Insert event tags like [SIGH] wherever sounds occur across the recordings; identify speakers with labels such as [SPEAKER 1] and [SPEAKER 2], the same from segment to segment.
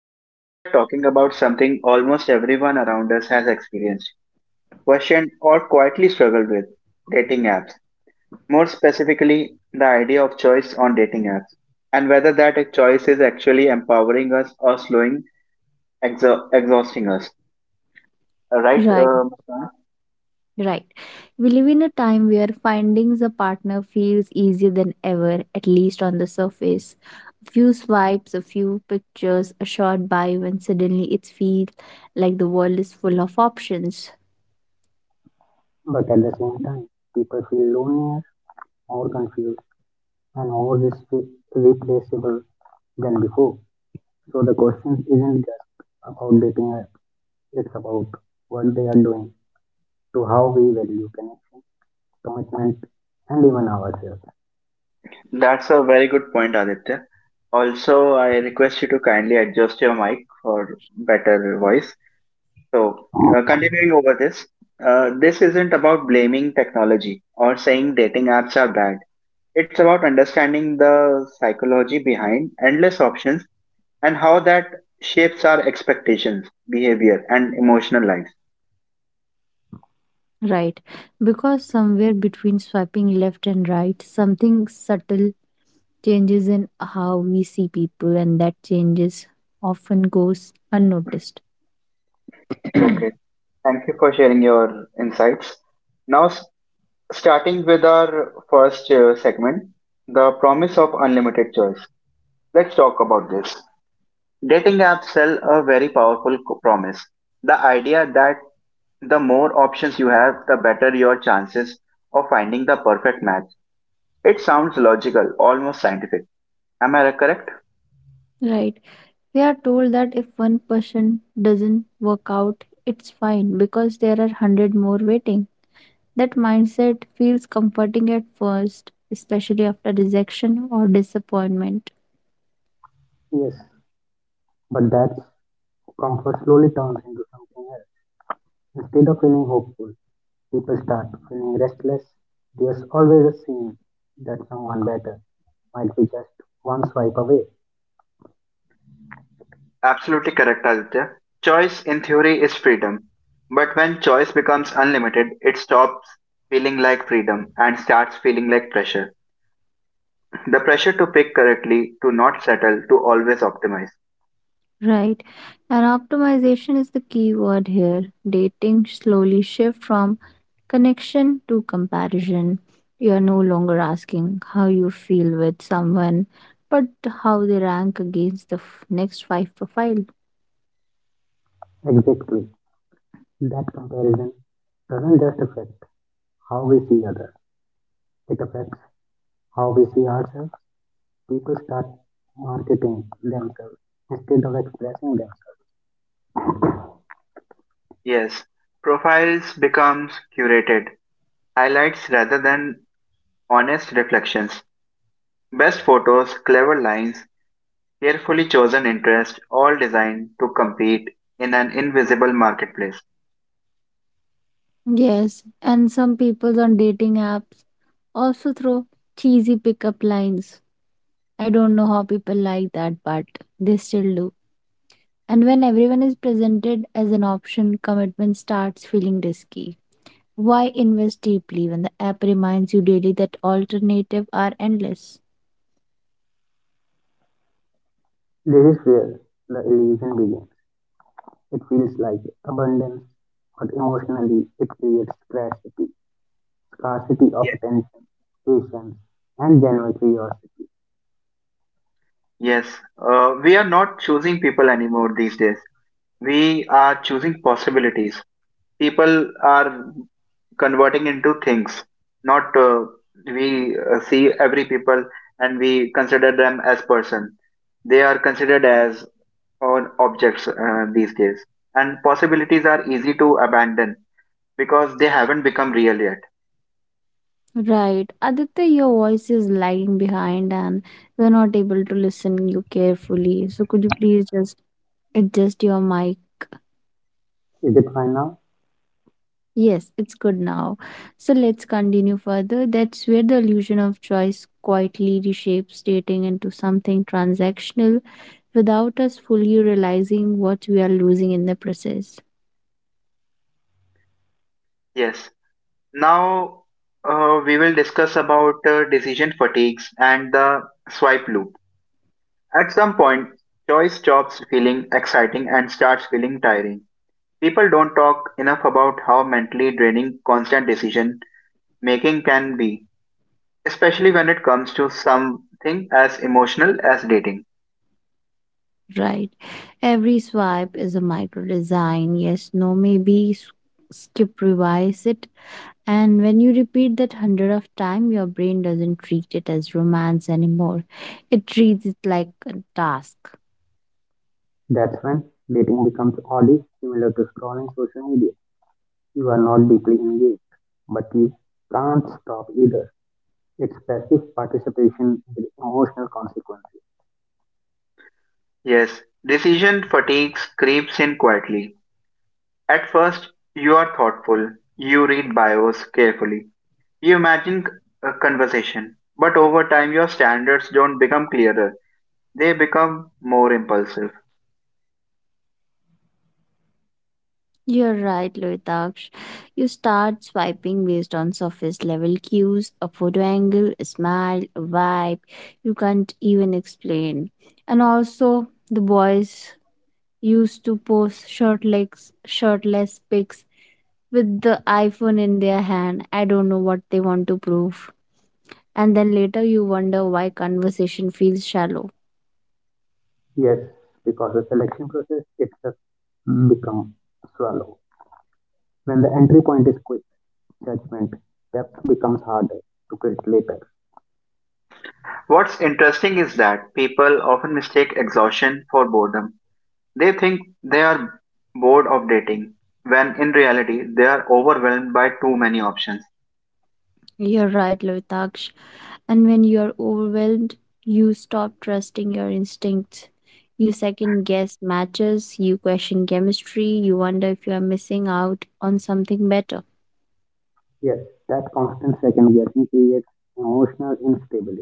[SPEAKER 1] Today we are talking about something almost everyone around us has experienced, questioned, or quietly struggled with dating apps. More specifically, the idea of choice on dating apps and whether that choice is actually empowering us or slowing, exhausting us. Uh, Right,
[SPEAKER 2] Right,
[SPEAKER 1] uh, Muskan?
[SPEAKER 2] right. We live in a time where finding a partner feels easier than ever, at least on the surface. A few swipes, a few pictures, a short bio, and suddenly it feels like the world is full of options.
[SPEAKER 3] But at the same time, people feel lonelier, more confused, and more replaceable than before. So the question isn't just about dating apps, it's about what they are doing to how we value connection, commitment, and even ourselves.
[SPEAKER 1] That's a very good point, Aditya. Also, I request you to kindly adjust your mic for better voice. So, continuing over this, this isn't about blaming technology or saying dating apps are bad. It's about understanding the psychology behind endless options and how that shapes our expectations, behavior, and emotional lives.
[SPEAKER 2] Right, because somewhere between swiping left and right, something subtle changes in how we see people, and that changes often goes unnoticed. [CLEARS THROAT]
[SPEAKER 1] Okay, thank you for sharing your insights. Now, starting with our first segment, the promise of unlimited choice. Let's talk about this. Dating apps sell a very powerful promise, the idea that the more options you have, the better your chances of finding the perfect match. It sounds logical, almost scientific. Am I correct?
[SPEAKER 2] Right. We are told that if one person doesn't work out, it's fine because there are 100 more waiting. That mindset feels comforting at first, especially after rejection or disappointment.
[SPEAKER 3] Yes, but that comfort slowly turns into something else. Instead of feeling hopeful, people start feeling restless. There's always a scene that someone better might be just one swipe away.
[SPEAKER 1] Absolutely correct, Aditya. Choice in theory is freedom. But when choice becomes unlimited, it stops feeling like freedom and starts feeling like pressure. The pressure to pick correctly, to not settle, to always optimize.
[SPEAKER 2] Right? And optimization is the key word here. Dating slowly shift from connection to comparison. You are no longer asking how you feel with someone, but how they rank against the next five profile.
[SPEAKER 3] Exactly. That comparison doesn't just affect how we see others, it affects how we see ourselves. People start marketing themselves instead of expressing themselves.
[SPEAKER 1] Yes, profiles becomes curated, highlights rather than honest reflections. Best photos, clever lines, carefully chosen interests, all designed to compete in an invisible marketplace.
[SPEAKER 2] Yes, and some people on dating apps also throw cheesy pickup lines. I don't know how people like that, but they still do. And when everyone is presented as an option, commitment starts feeling risky. Why invest deeply when the app reminds you daily that alternatives are endless?
[SPEAKER 3] This is where the illusion begins. It feels like abundance, but emotionally it creates scarcity, scarcity of
[SPEAKER 1] Yes.
[SPEAKER 3] attention, patience, and general curiosity.
[SPEAKER 1] Yes, we are not choosing people anymore these days. We are choosing possibilities. People are converting into things. Not we see every people and we consider them as person. They are considered as on objects these days. And possibilities are easy to abandon because they haven't become real yet.
[SPEAKER 2] Right. Aditya, your voice is lagging behind and we're not able to listen you carefully. So could you please just adjust your mic?
[SPEAKER 3] Is it fine now?
[SPEAKER 2] Yes, it's good now. So let's continue further. That's where the illusion of choice quietly reshapes dating into something transactional without us fully realizing what we are losing in the process.
[SPEAKER 1] Yes. Now we will discuss about decision fatigues and the swipe loop. At some point, choice stops feeling exciting and starts feeling tiring. People don't talk enough about how mentally draining constant decision making can be, especially when it comes to something as emotional as dating.
[SPEAKER 2] Right. Every swipe is a micro design. Yes, no, maybe, skip, revise it. And when you repeat that hundred of time, your brain doesn't treat it as romance anymore. It treats it like a task.
[SPEAKER 3] That's when dating becomes oddly similar to scrolling social media. You are not deeply engaged, but you can't stop either. It's passive participation with emotional consequences.
[SPEAKER 1] Yes, decision fatigue creeps in quietly. At first, you are thoughtful, you read bios carefully, you imagine a conversation, but over time your standards don't become clearer, they become more impulsive.
[SPEAKER 2] You're right, Loitaksh. You start swiping based on surface level cues, a photo angle, a smile, a vibe you can't even explain. And also, the boys used to post shirtless, shirtless pics with the iPhone in their hand. I don't know what they want to prove. And then later you wonder why conversation feels shallow.
[SPEAKER 3] Yes, because the selection process itself becomes swallow. When the entry point is quick, judgment, depth becomes harder to build later.
[SPEAKER 1] What's interesting is that people often mistake exhaustion for boredom. They think they are bored of dating, when in reality they are overwhelmed by too many options.
[SPEAKER 2] You're right, Loitaksh. And when you're overwhelmed, you stop trusting your instincts. You second guess matches, you question chemistry, you wonder if you are missing out on something better.
[SPEAKER 3] Yes, that constant second guessing creates emotional instability.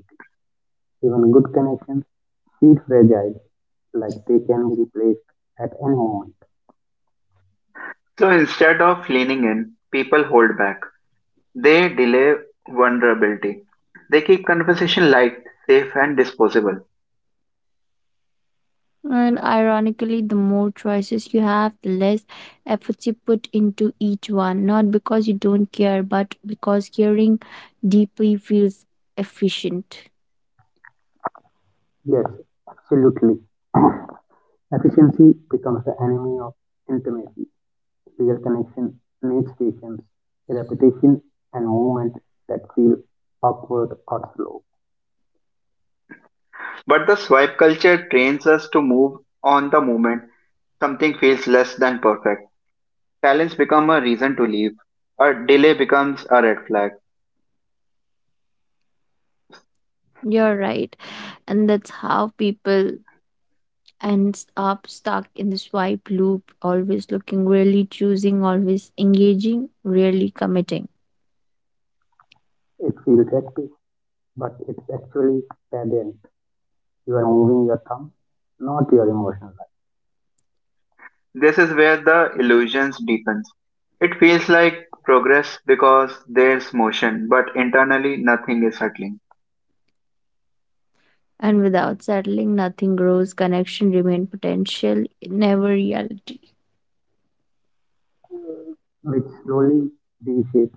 [SPEAKER 3] Even good connections feel fragile, like they can be replaced at any moment.
[SPEAKER 1] So instead of leaning in, people hold back. They delay vulnerability. They keep conversation light, safe, and disposable.
[SPEAKER 2] And ironically, the more choices you have, the less efforts you put into each one, not because you don't care, but because caring deeply feels efficient.
[SPEAKER 3] Yes, absolutely. [CLEARS THROAT] Efficiency becomes the enemy of intimacy, real connection needs patience, repetition, and movement that feel awkward or slow.
[SPEAKER 1] But the swipe culture trains us to move on the moment something feels less than perfect. Talents become a reason to leave. A delay becomes a red flag.
[SPEAKER 2] You're right. And that's how people ends up stuck in the swipe loop, always looking, really choosing, always engaging, really committing.
[SPEAKER 3] It feels active, but it's actually pedant. You are moving your thumb, not your emotional life,
[SPEAKER 1] This is where the illusions deepens. It feels like progress because there's motion, but internally nothing is settling.
[SPEAKER 2] And without settling, nothing grows, connection remain potential, never reality.
[SPEAKER 3] which slowly reshapes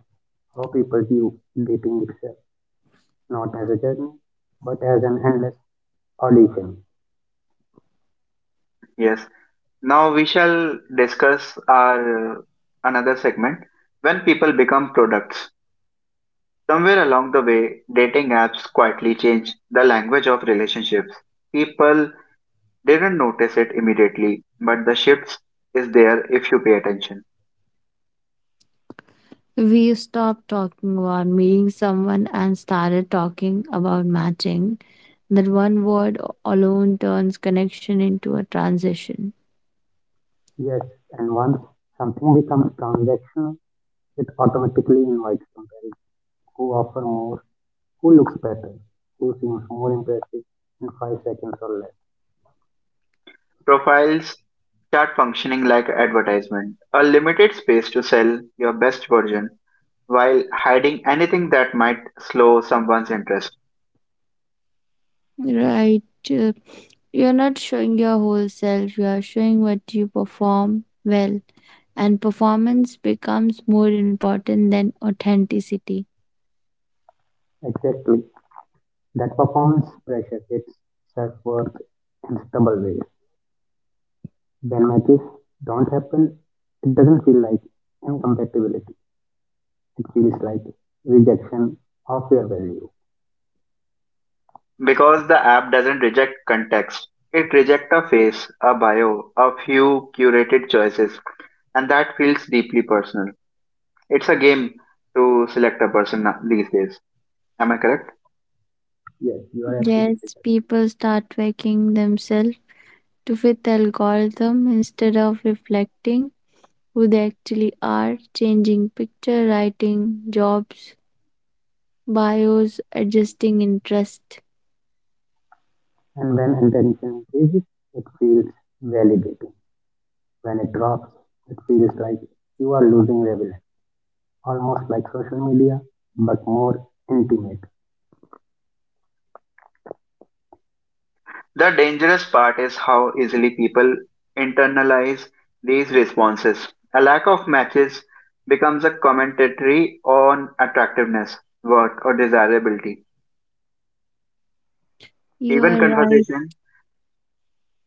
[SPEAKER 3] how people view dating itself, not as a journey, but as an endless audition.
[SPEAKER 1] Yes. Now we shall discuss our another segment, when people become products. Somewhere along the way, dating apps quietly change the language of relationships. People didn't notice it immediately, but the shifts is there if you pay attention.
[SPEAKER 2] We stopped talking about meeting someone and started talking about matching. That one word alone turns connection into a transition.
[SPEAKER 3] Yes, and once something becomes transactional, it automatically invites comparison. Who offer more? Who looks better? Who seems more impressive in 5 seconds or less?
[SPEAKER 1] Profiles start functioning like advertisement, a limited space to sell your best version while hiding anything that might slow someone's interest.
[SPEAKER 2] Right. uh, You're not showing your whole self, you are showing what you perform well. And performance becomes more important than authenticity.
[SPEAKER 3] Exactly. That performance pressure hits self worth in stubborn ways. When matches don't happen, it doesn't feel like incompatibility. It feels like rejection of your value.
[SPEAKER 1] Because the app doesn't reject context, it rejects a face, a bio, a few curated choices, and that feels deeply personal. It's a game to select a person these days. Am I correct?
[SPEAKER 3] Yes, you are absolutely
[SPEAKER 2] Yes,
[SPEAKER 3] correct.
[SPEAKER 2] people start faking themselves to fit the algorithm instead of reflecting who they actually are, changing picture, writing, jobs, bios, adjusting interest.
[SPEAKER 3] And when intention increases, it feels validating. When it drops, it feels like you are losing relevance, almost like social media, but more intimate.
[SPEAKER 1] The dangerous part is how easily people internalize these responses. A lack of matches becomes a commentary on attractiveness, worth, or desirability.
[SPEAKER 2] You
[SPEAKER 1] Even
[SPEAKER 2] are right,
[SPEAKER 1] conversation,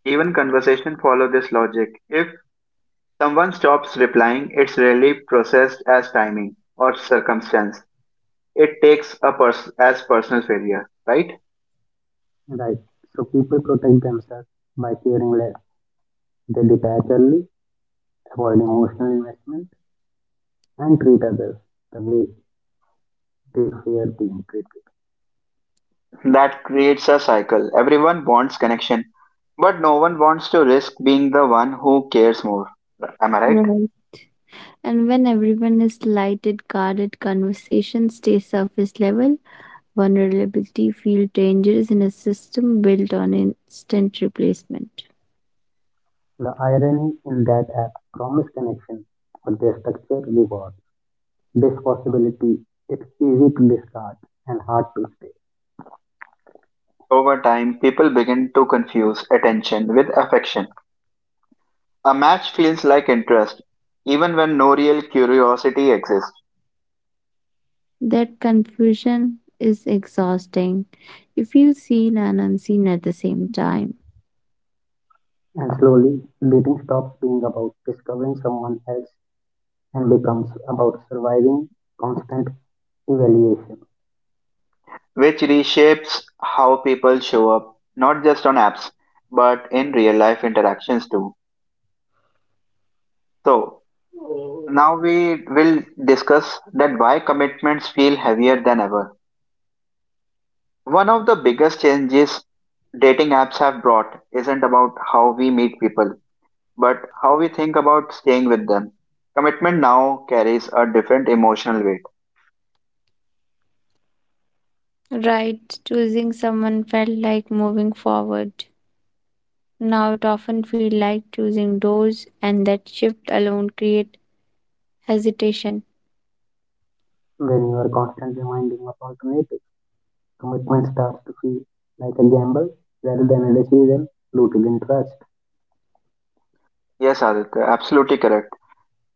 [SPEAKER 1] even conversation follow this logic. If someone stops replying, it's rarely processed as timing or circumstance. It takes a as personal failure, right?
[SPEAKER 3] Right. So people protect themselves by caring less. They detach early, avoid emotional investment, and treat others the way they fear being treated.
[SPEAKER 1] That creates a cycle. Everyone wants connection, but no one wants to risk being the one who cares more. Am I right?
[SPEAKER 2] right. And when everyone is light, guarded conversation stays surface level vulnerability feel dangerous in a system built on instant replacement.
[SPEAKER 3] The irony in that app promise connection, but their structure reward. This possibility it's easy to discard and hard to stay.
[SPEAKER 1] Over time, people begin to confuse attention with affection. A match feels like interest, even when no real curiosity exists,
[SPEAKER 2] That confusion is exhausting. You feel seen and unseen at the same time.
[SPEAKER 3] And slowly, dating stops being about discovering someone else and becomes about surviving constant evaluation.
[SPEAKER 1] which reshapes how people show up, not just on apps, but in real life interactions too. So, now we will discuss that why commitments feel heavier than ever. One of the biggest changes dating apps have brought isn't about how we meet people, but how we think about staying with them. Commitment now carries a different emotional weight.
[SPEAKER 2] Right, choosing someone felt like moving forward. Now it often feels like choosing doors, and that shift alone creates hesitation.
[SPEAKER 3] When you are constantly minding of alternatives commitment starts to feel like a gamble rather than a decision rooted in trust.
[SPEAKER 1] Yes, Aditya, absolutely correct.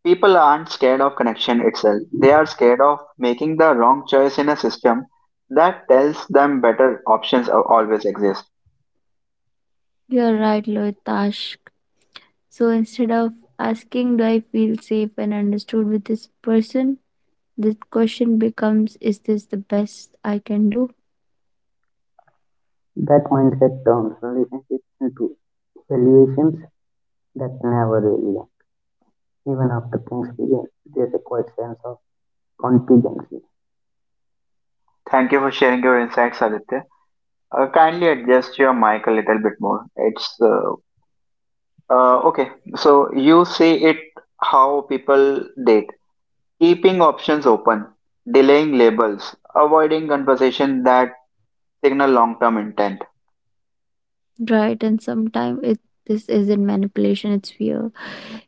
[SPEAKER 1] People aren't scared of connection itself. They are scared of making the wrong choice in a system that tells them better options are- always exist.
[SPEAKER 2] You're right, Loitash. So instead of asking, do I feel safe and understood with this person? The question becomes, is this the best I can do?
[SPEAKER 3] That mindset turns relationships into evaluations that never really end. Even after things begin, there's a quiet sense of contingency.
[SPEAKER 1] Thank you for sharing your insights, Aditya. Kindly adjust your mic a little bit more. It's Okay, so you say it how people date. Keeping options open, delaying labels, avoiding conversation that signal long-term intent.
[SPEAKER 2] Right? And sometimes this isn't manipulation, it's fear.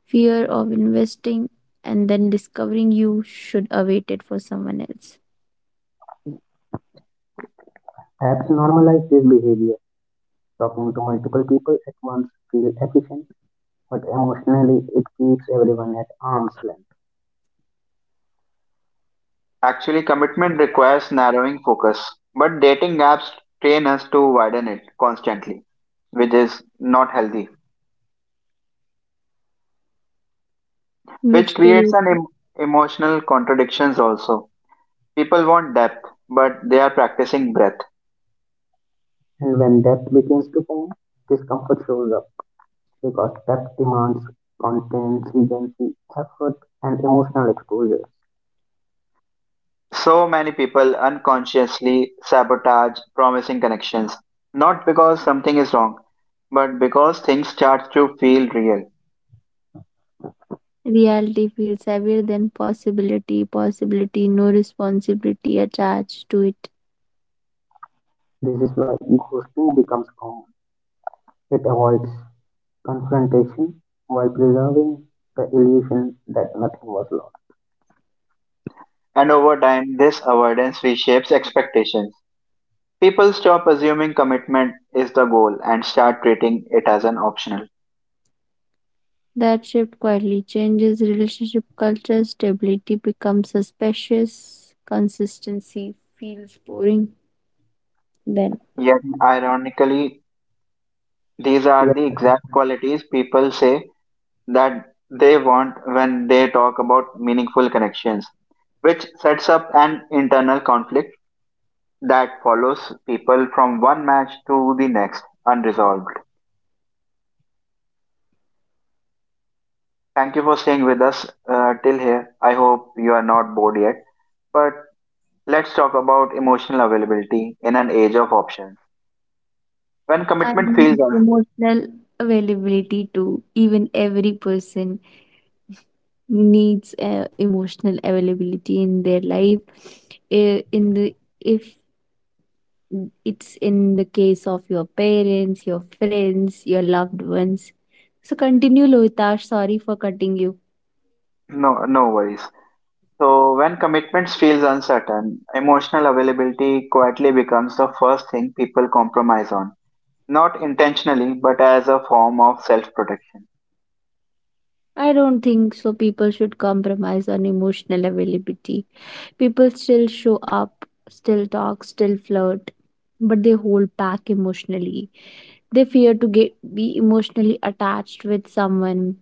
[SPEAKER 2] Fear of investing and then discovering you should await it for someone else,
[SPEAKER 3] Apps normalize this behavior. Talking to multiple people at once feels efficient, but emotionally it keeps everyone at arm's length.
[SPEAKER 1] Actually, commitment requires narrowing focus, but dating apps train us to widen it constantly, which is not healthy,
[SPEAKER 2] which
[SPEAKER 1] which creates
[SPEAKER 2] creates
[SPEAKER 1] an emotional contradictions also. People want depth, but they are practicing breadth.
[SPEAKER 3] And when depth begins to form, discomfort shows up because depth demands contingency, effort, and emotional exposure.
[SPEAKER 1] So many people unconsciously sabotage promising connections, not because something is wrong, but because things start to feel real.
[SPEAKER 2] reality feels heavier than possibility, possibility, no responsibility attached to it.
[SPEAKER 3] This is why ghosting becomes common. It avoids confrontation while preserving the illusion that nothing was lost.
[SPEAKER 1] And over time, this avoidance reshapes expectations. People stop assuming commitment is the goal and start treating it as an optional.
[SPEAKER 2] That shift quietly changes relationship culture. Stability becomes suspicious. Consistency feels boring then.
[SPEAKER 1] Yet, ironically, these
[SPEAKER 3] Yet
[SPEAKER 1] are the exact qualities people say that they want when they talk about meaningful connections, which sets up an internal conflict that follows people from one match to the next, unresolved. Thank you for staying with us till here. I hope you are not bored yet. But let's talk about emotional availability in an age of options. When
[SPEAKER 2] I
[SPEAKER 1] commitment feels
[SPEAKER 2] need
[SPEAKER 1] un-
[SPEAKER 2] emotional availability too. Even every person needs emotional availability in their life. I- In the if it's in the case of your parents, your friends, your loved ones. So continue, Loitash. Sorry for cutting you.
[SPEAKER 1] no, no worries. So when commitments feels uncertain, emotional availability quietly becomes the first thing people compromise on. Not intentionally, but as a form of self-protection.
[SPEAKER 2] I don't think so. People should compromise on emotional availability. People still show up, still talk, still flirt, but they hold back emotionally. They fear to get be emotionally attached with someone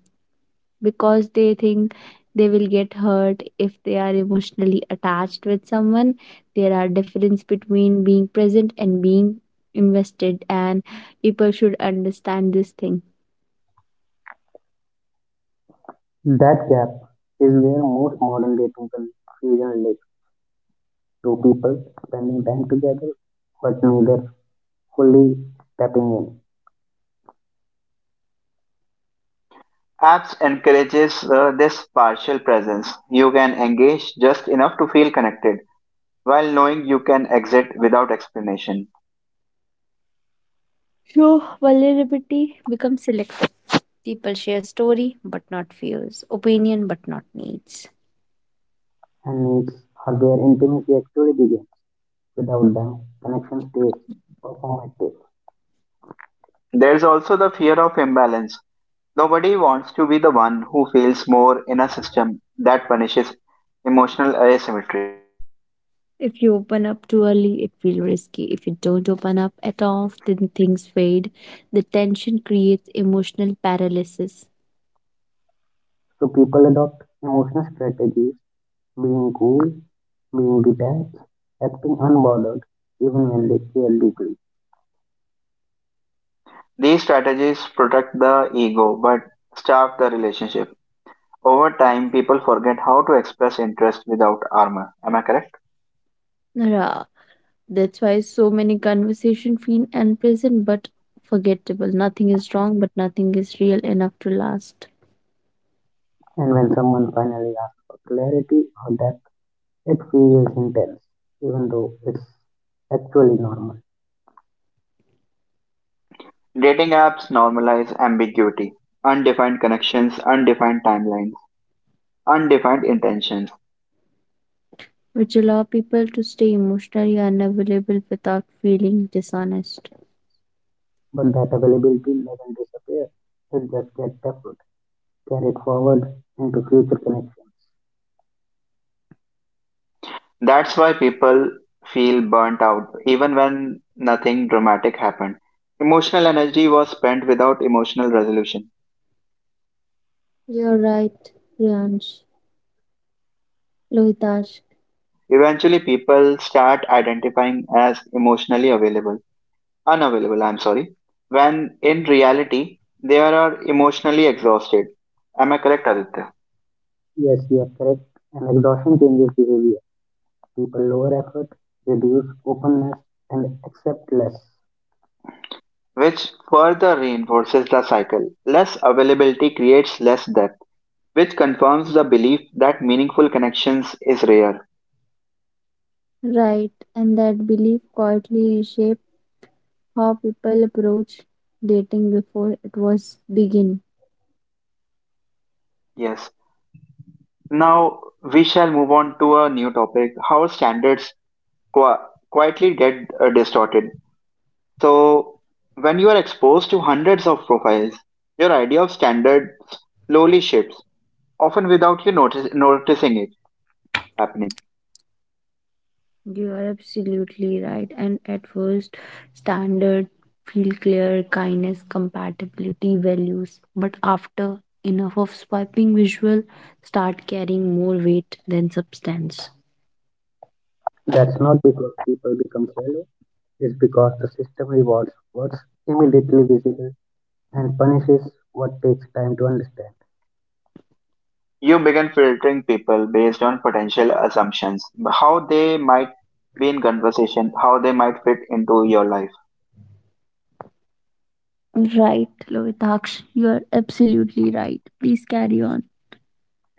[SPEAKER 2] because they think they will get hurt if they are emotionally attached with someone. There are difference between being present and being invested and people should understand this thing.
[SPEAKER 3] that gap is where most modern dating confusion lives. Two people spending time together but neither fully tapping in
[SPEAKER 1] Apps encourages this partial presence. You can engage just enough to feel connected while knowing you can exit without explanation.
[SPEAKER 2] So vulnerability becomes selective. People share story but not fears, opinion but not needs.
[SPEAKER 3] and needs are where intimacy actually begins. Without them, connection stays performative.
[SPEAKER 1] There's also the fear of imbalance. Nobody wants to be the one who feels more in a system that punishes emotional asymmetry.
[SPEAKER 2] If you open up too early, it feels risky. If you don't open up at all, then things fade. The tension creates emotional paralysis.
[SPEAKER 3] So people adopt emotional strategies, being cool, being detached, acting unbothered, even when they care deeply.
[SPEAKER 1] These strategies protect the ego but starve the relationship. Over time, people forget how to express interest without armor. Am I correct?
[SPEAKER 2] Rah. That's why so many conversations feel unpleasant but forgettable. Nothing is wrong, but nothing is real enough to last,
[SPEAKER 3] And when someone finally asks for clarity or depth, it feels intense, even though it's actually normal.
[SPEAKER 1] Dating apps normalize ambiguity, undefined connections, undefined timelines, undefined intentions.
[SPEAKER 2] which allow people to stay emotionally unavailable without feeling dishonest.
[SPEAKER 3] But that availability doesn't disappear, it just gets tapped, carried forward into future connections.
[SPEAKER 1] That's why people feel burnt out even when nothing dramatic happened. Emotional energy was spent without emotional resolution.
[SPEAKER 2] You're right, Priyansh. Lohitash,
[SPEAKER 1] Eventually, people start identifying as emotionally available, unavailable, I'm sorry, when in reality, they are emotionally exhausted. Am I correct, Aditya?
[SPEAKER 3] Yes, you are correct, and exhaustion changes behavior. People lower effort, reduce openness, and accept less.
[SPEAKER 1] Which further reinforces the cycle. Less availability creates less depth, which confirms the belief that meaningful connections is rare.
[SPEAKER 2] right, and that belief quietly reshapes how people approach dating before it was begin.
[SPEAKER 1] Yes. Now we shall move on to a new topic, how standards qui- quietly get distorted. So, when you are exposed to hundreds of profiles, your idea of standards slowly shifts, often without you noticing it happening.
[SPEAKER 2] You are absolutely right. And at first, standard feel clear, kindness, compatibility, values. But after enough of swiping, visual start carrying more weight than substance.
[SPEAKER 3] That's not because people become shallow, it's because the system rewards what's immediately visible and punishes what takes time to understand.
[SPEAKER 1] You begin filtering people based on potential assumptions, how they might be in conversation, how they might fit into your life.
[SPEAKER 2] Right, Lovitaksh, you are absolutely right. Please carry on.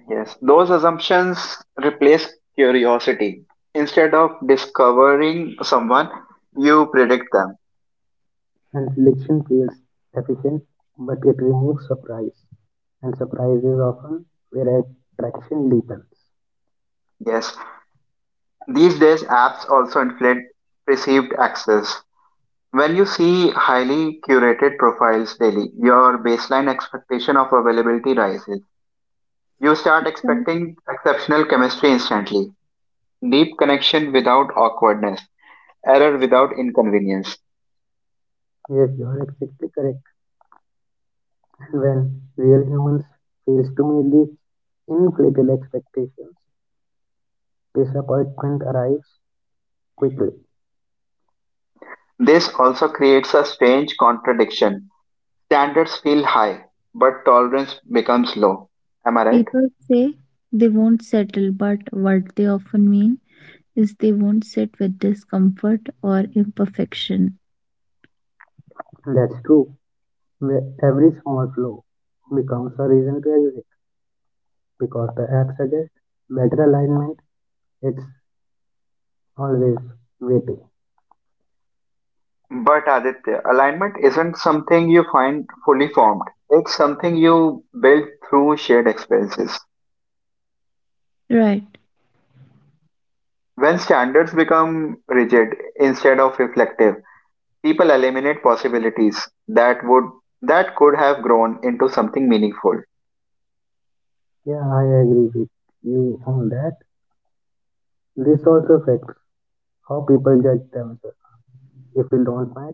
[SPEAKER 1] Yes, those assumptions replace curiosity. Instead of discovering someone, you predict them.
[SPEAKER 3] And selection feels efficient, but it removes surprise, and surprise is often where attraction deepens.
[SPEAKER 1] Yes, these days apps also inflate perceived access. When you see highly curated profiles daily, your baseline expectation of availability rises. You start
[SPEAKER 2] Well,
[SPEAKER 1] expecting exceptional chemistry instantly. Deep connection without awkwardness, error without inconvenience.
[SPEAKER 3] Yes, you are exactly correct. [LAUGHS] When real humans fails to meet these inflated expectations, disappointment arrives quickly.
[SPEAKER 1] This also creates a strange contradiction. Standards feel high, but tolerance becomes low. Am I right?
[SPEAKER 2] people say they won't settle, but what they often mean is they won't sit with discomfort or imperfection.
[SPEAKER 3] That's true. Where every small flaw becomes a reason to exit because the app suggests better alignment. It's always waiting.
[SPEAKER 1] But Aditya, alignment isn't something you find fully formed. It's something you build through shared experiences.
[SPEAKER 2] Right.
[SPEAKER 1] When standards become rigid instead of reflective, people eliminate possibilities that could have grown into something meaningful.
[SPEAKER 3] Yeah, I agree with you on that. This also affects how people judge themselves. If you don't match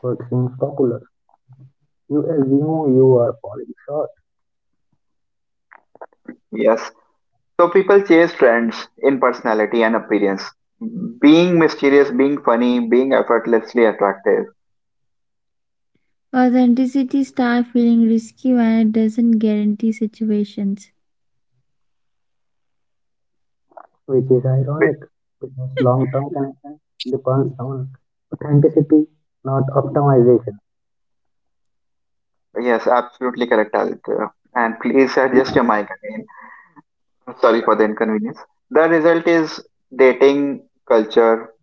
[SPEAKER 3] what seems popular, you assume you are falling short,
[SPEAKER 1] Yes, so people chase trends in personality and appearance. Being mysterious, being funny, being effortlessly attractive.
[SPEAKER 2] Authenticity starts feeling risky when it doesn't guarantee situations.
[SPEAKER 3] which is ironic because long term connection depends on authenticity, not optimization.
[SPEAKER 1] Yes, absolutely correct, Aditya. And please adjust your mic again. Sorry for the inconvenience. The result is dating culture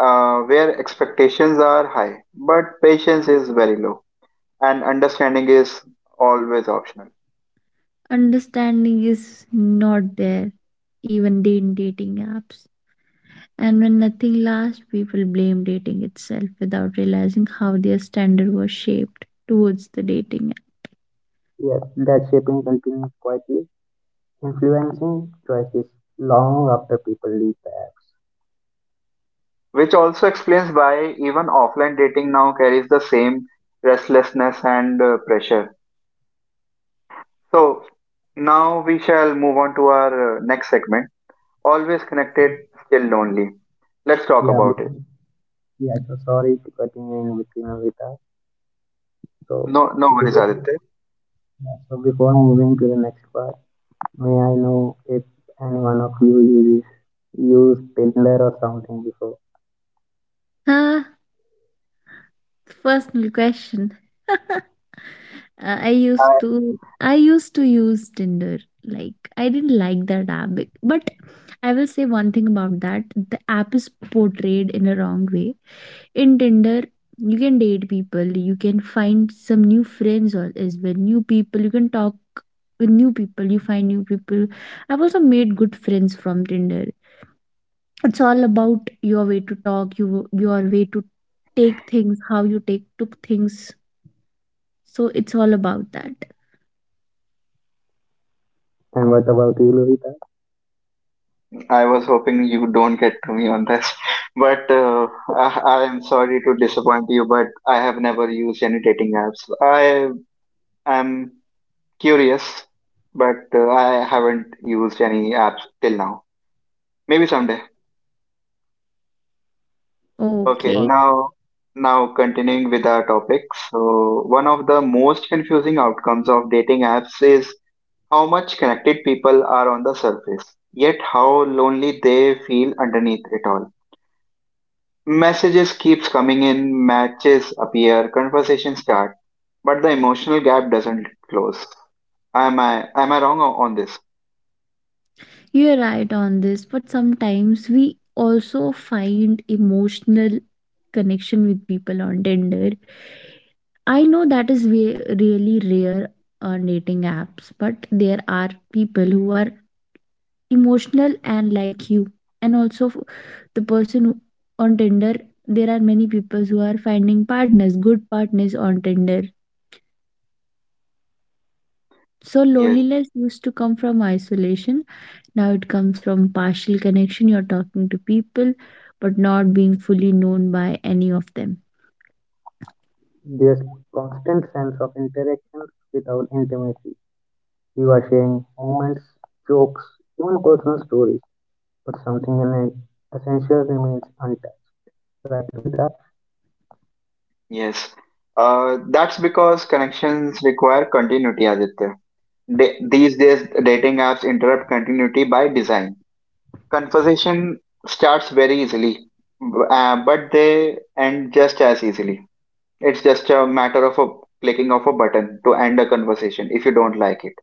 [SPEAKER 1] where expectations are high, but patience is very low, and understanding is always optional.
[SPEAKER 2] Understanding is not there, even in dating apps. And when nothing lasts, people blame dating itself without realizing how their standard was shaped towards the dating app.
[SPEAKER 3] Yes, that shaping continues quietly, influencing choices long after people leave the apps.
[SPEAKER 1] Which also explains why even offline dating now carries the same restlessness and pressure. So now we shall move on to our next segment. Always connected, still lonely. Let's talk
[SPEAKER 3] Yeah,
[SPEAKER 1] about it.
[SPEAKER 3] yeah, so sorry to continue in between Avita. So
[SPEAKER 1] No, no worries,
[SPEAKER 3] before, yeah,
[SPEAKER 1] Aditya.
[SPEAKER 3] so before moving to the next part, may I know if any one of you use Tinder or something before?
[SPEAKER 2] Ah, personal question. [LAUGHS] I used
[SPEAKER 1] I,
[SPEAKER 2] to I used to use Tinder. Like I didn't like that app, but I will say one thing about that. The app is portrayed in a wrong way. In Tinder, you can date people, you can find some new friends or as well, new people, you can talk with new people, you find new people. I've also made good friends from Tinder. It's all about your way to talk, your way to take things, how you take took things, so it's all about that.
[SPEAKER 3] And what about you, Lovita?
[SPEAKER 1] I was hoping you don't get to me on this, [LAUGHS] but I am sorry to disappoint you, but I have never used any dating apps. I am curious, but I haven't used any apps till now. Maybe someday. Okay,
[SPEAKER 3] Or
[SPEAKER 2] Okay,
[SPEAKER 1] now continuing with our topic. So one of the most confusing outcomes of dating apps is how much connected people are on the surface, yet how lonely they feel underneath it all. Messages keeps coming in, matches appear, conversations start, but the emotional gap doesn't close. Am I wrong on this?
[SPEAKER 2] you're right on this, but sometimes we also find emotional connection with people on Tinder. I know that is really rare on dating apps, but there are people who are emotional and like you, and also f- the person who- on Tinder. There are many people who are finding partners, good partners on Tinder. So
[SPEAKER 1] Yes,
[SPEAKER 2] loneliness used to come from isolation. Now it comes from partial connection. You're talking to people, but not being fully known by any of them.
[SPEAKER 3] just constant sense of interaction without intimacy. You are sharing moments, jokes, even personal stories, but something in it essential remains untouched. Right, Lovita?
[SPEAKER 1] yes. That's because connections require continuity, Aditya. These days, dating apps interrupt continuity by design. Conversation starts very easily, but they end just as easily. It's just a matter of a clicking of a button to end a conversation if you don't like it.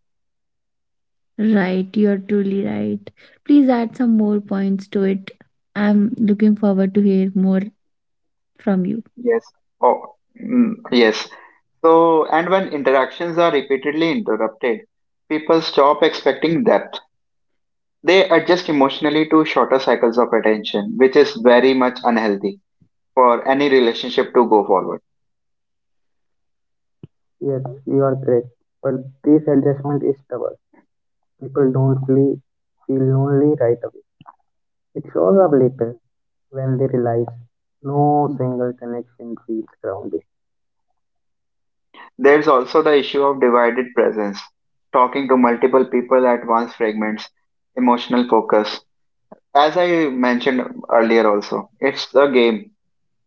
[SPEAKER 2] Right, you're truly right. Please add some more points to it. I'm looking forward to hear more from you.
[SPEAKER 1] Yes. Oh, yes. So, and when interactions are repeatedly interrupted, people stop expecting depth. They adjust emotionally to shorter cycles of attention, which is very much unhealthy for any relationship to go forward.
[SPEAKER 3] Yes, you are correct. But this adjustment is stubborn. People don't feel lonely right away. It shows up later when they realize no single connection feels grounding.
[SPEAKER 1] There's also the issue of divided presence, talking to multiple people at once fragments, emotional focus. As I mentioned earlier also, it's a game.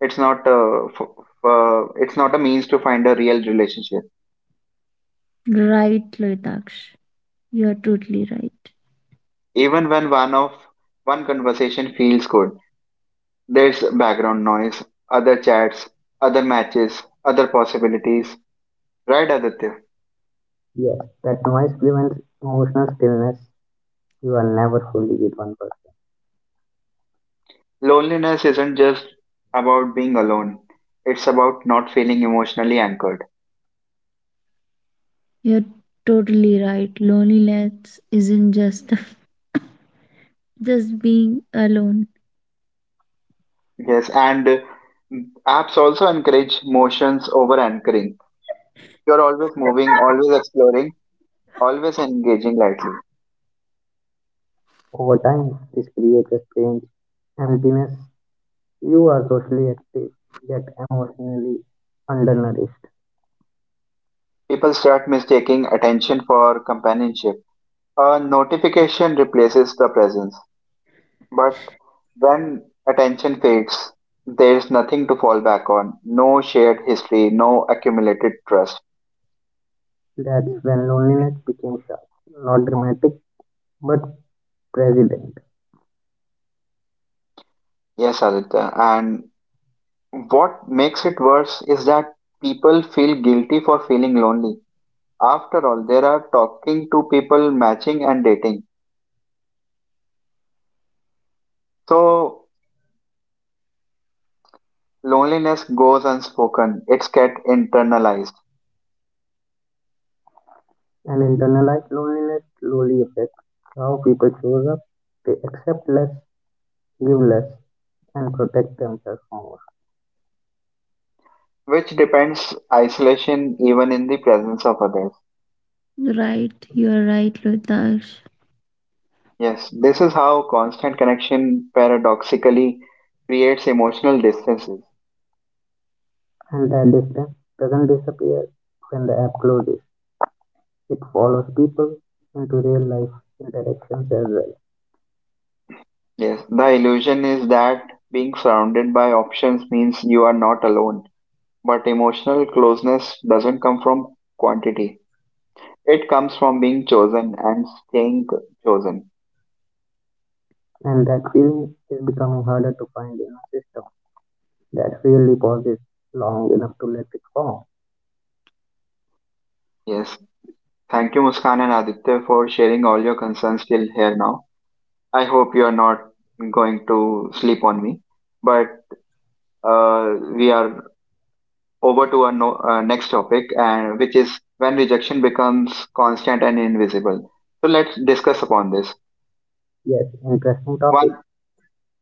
[SPEAKER 1] It's not a, f- it's not a means to find a real relationship.
[SPEAKER 2] Right, Loitaksh. You're totally right.
[SPEAKER 1] Even when one conversation feels good, there's background noise, other chats, other matches, other possibilities. Right, Aditya?
[SPEAKER 3] Yes, that noise prevents emotional stillness. You are never fully with one person.
[SPEAKER 1] Loneliness isn't just about being alone. It's about not feeling emotionally anchored.
[SPEAKER 2] You're totally right. Loneliness isn't just [LAUGHS] just being alone.
[SPEAKER 1] Yes, and apps also encourage motions over anchoring. You're always moving, always exploring, always engaging lightly.
[SPEAKER 3] Over time, this creates a strange emptiness. You are socially active, yet emotionally undernourished.
[SPEAKER 1] People start mistaking attention for companionship. A notification replaces the presence. But when attention fades, there's nothing to fall back on. No shared history, no accumulated trust.
[SPEAKER 3] That's when loneliness became sharp, not dramatic, but president.
[SPEAKER 1] Yes, Aditya. And what makes it worse is that people feel guilty for feeling lonely. After all, there are talking to people, matching, and dating. So loneliness goes unspoken, it's get internalized,
[SPEAKER 3] And internalized loneliness slowly affects how people shows up. They accept less, give less, and protect themselves more.
[SPEAKER 1] which depends isolation even in the presence of others.
[SPEAKER 2] Right, you're right, Loitaksh.
[SPEAKER 1] Yes, this is how constant connection paradoxically creates emotional distances.
[SPEAKER 3] And that distance doesn't disappear when the app closes. It follows people into real life interactions as well.
[SPEAKER 1] Yes, the illusion is that being surrounded by options means you are not alone, but emotional closeness doesn't come from quantity. It comes from being chosen and staying chosen.
[SPEAKER 3] And that feeling is becoming harder to find in a system that really pauses long enough to let it form.
[SPEAKER 1] Yes. Thank you, Muskan and Aditya, for sharing all your concerns till here now. I hope you are not going to sleep on me. But we are over to our no, next topic, and which is when rejection becomes constant and invisible. So let's discuss upon this.
[SPEAKER 3] Yes, interesting topic.
[SPEAKER 1] One,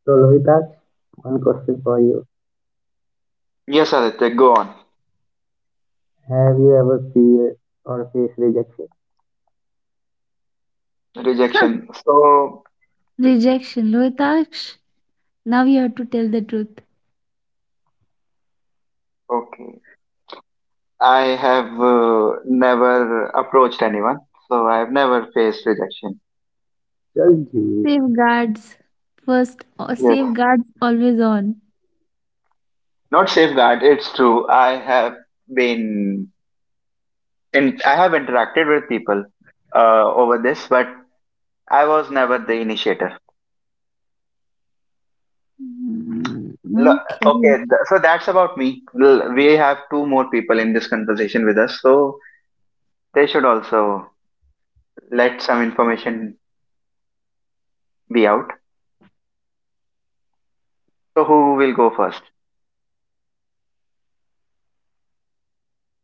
[SPEAKER 3] So, Lohitas, one question for you.
[SPEAKER 1] yes, Aditya, go on.
[SPEAKER 3] Have you ever feared or faced rejection?
[SPEAKER 1] Rejection.
[SPEAKER 2] [LAUGHS]
[SPEAKER 1] So,
[SPEAKER 2] Rejection, Loitaksh. Now you have to tell the truth.
[SPEAKER 1] okay. I have never approached anyone, so I have never faced rejection.
[SPEAKER 3] Joji,
[SPEAKER 2] Safeguards first, or safeguards always on.
[SPEAKER 1] Not safeguard. It's true. I have been in. I have interacted with people over this, but I was never the initiator.
[SPEAKER 2] Mm.
[SPEAKER 1] Lo- okay,
[SPEAKER 2] Okay.
[SPEAKER 1] th- so that's about me. We have two more people in this conversation with us, so they should also let some information be out. So who will go first?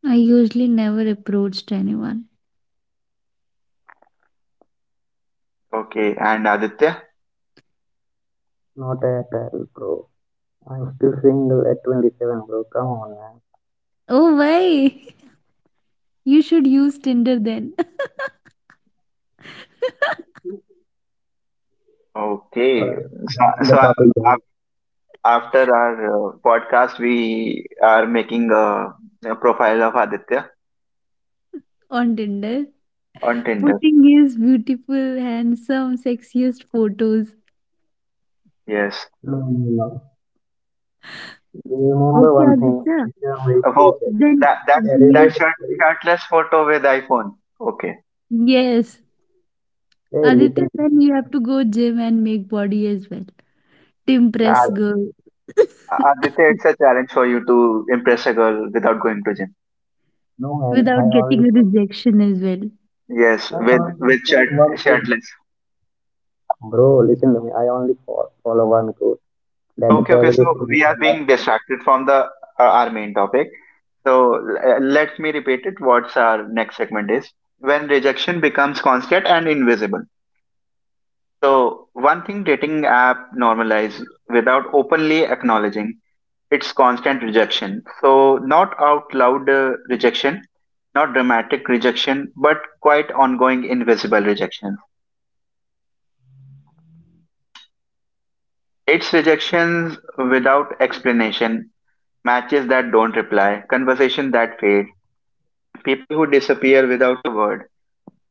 [SPEAKER 2] I usually never approached anyone.
[SPEAKER 1] Okay, and Aditya.
[SPEAKER 3] not at all, bro. I'm still single at 27, bro. Come on, man.
[SPEAKER 2] Oh, why? [LAUGHS] You should use Tinder then. [LAUGHS]
[SPEAKER 3] But
[SPEAKER 1] Okay, so,
[SPEAKER 3] back to the
[SPEAKER 1] so a-
[SPEAKER 3] topic, guys.
[SPEAKER 1] af- after our podcast, we are making a profile of Aditya
[SPEAKER 2] On Tinder,
[SPEAKER 1] on Tinder.
[SPEAKER 2] putting his beautiful, handsome, sexiest photos.
[SPEAKER 1] Yes.
[SPEAKER 3] No, no, no. Remember
[SPEAKER 2] Okay,
[SPEAKER 3] one thing. If
[SPEAKER 2] Aditya.
[SPEAKER 3] you are married, you
[SPEAKER 1] Oh,
[SPEAKER 3] said.
[SPEAKER 2] Then
[SPEAKER 1] that that
[SPEAKER 3] Hey, hey,
[SPEAKER 1] that
[SPEAKER 2] you,
[SPEAKER 1] shirt
[SPEAKER 3] hey,
[SPEAKER 1] shirtless photo with iPhone. Okay.
[SPEAKER 2] yes,
[SPEAKER 3] hey, listen,
[SPEAKER 2] Aditya, then you have
[SPEAKER 3] listen.
[SPEAKER 2] to go gym and make body as well to
[SPEAKER 3] Yeah,
[SPEAKER 2] impress
[SPEAKER 1] Ad-
[SPEAKER 3] yeah.
[SPEAKER 2] girl.
[SPEAKER 1] Aditya,
[SPEAKER 2] [LAUGHS]
[SPEAKER 1] it's a challenge for you to impress a girl without going to gym.
[SPEAKER 3] No, man. I
[SPEAKER 2] Without
[SPEAKER 3] only
[SPEAKER 2] getting a
[SPEAKER 3] follow.
[SPEAKER 2] rejection as well.
[SPEAKER 1] Yes,
[SPEAKER 3] I
[SPEAKER 1] with
[SPEAKER 3] only
[SPEAKER 1] with shirt
[SPEAKER 3] follow one thing.
[SPEAKER 1] shirtless.
[SPEAKER 3] Bro, listen to me. I only follow one code. That the
[SPEAKER 1] Okay, okay. So
[SPEAKER 3] terrorist is
[SPEAKER 1] we
[SPEAKER 3] my
[SPEAKER 1] are
[SPEAKER 3] love
[SPEAKER 1] being
[SPEAKER 3] story.
[SPEAKER 1] distracted from the our main topic. So let me repeat it. What's our next segment is when rejection becomes constant and invisible. So one thing dating app normalize without openly acknowledging. It's constant rejection. So, not out loud rejection, not dramatic rejection, but quite ongoing invisible rejection. It's rejections without explanation, matches that don't reply, conversation that fade, people who disappear without a word.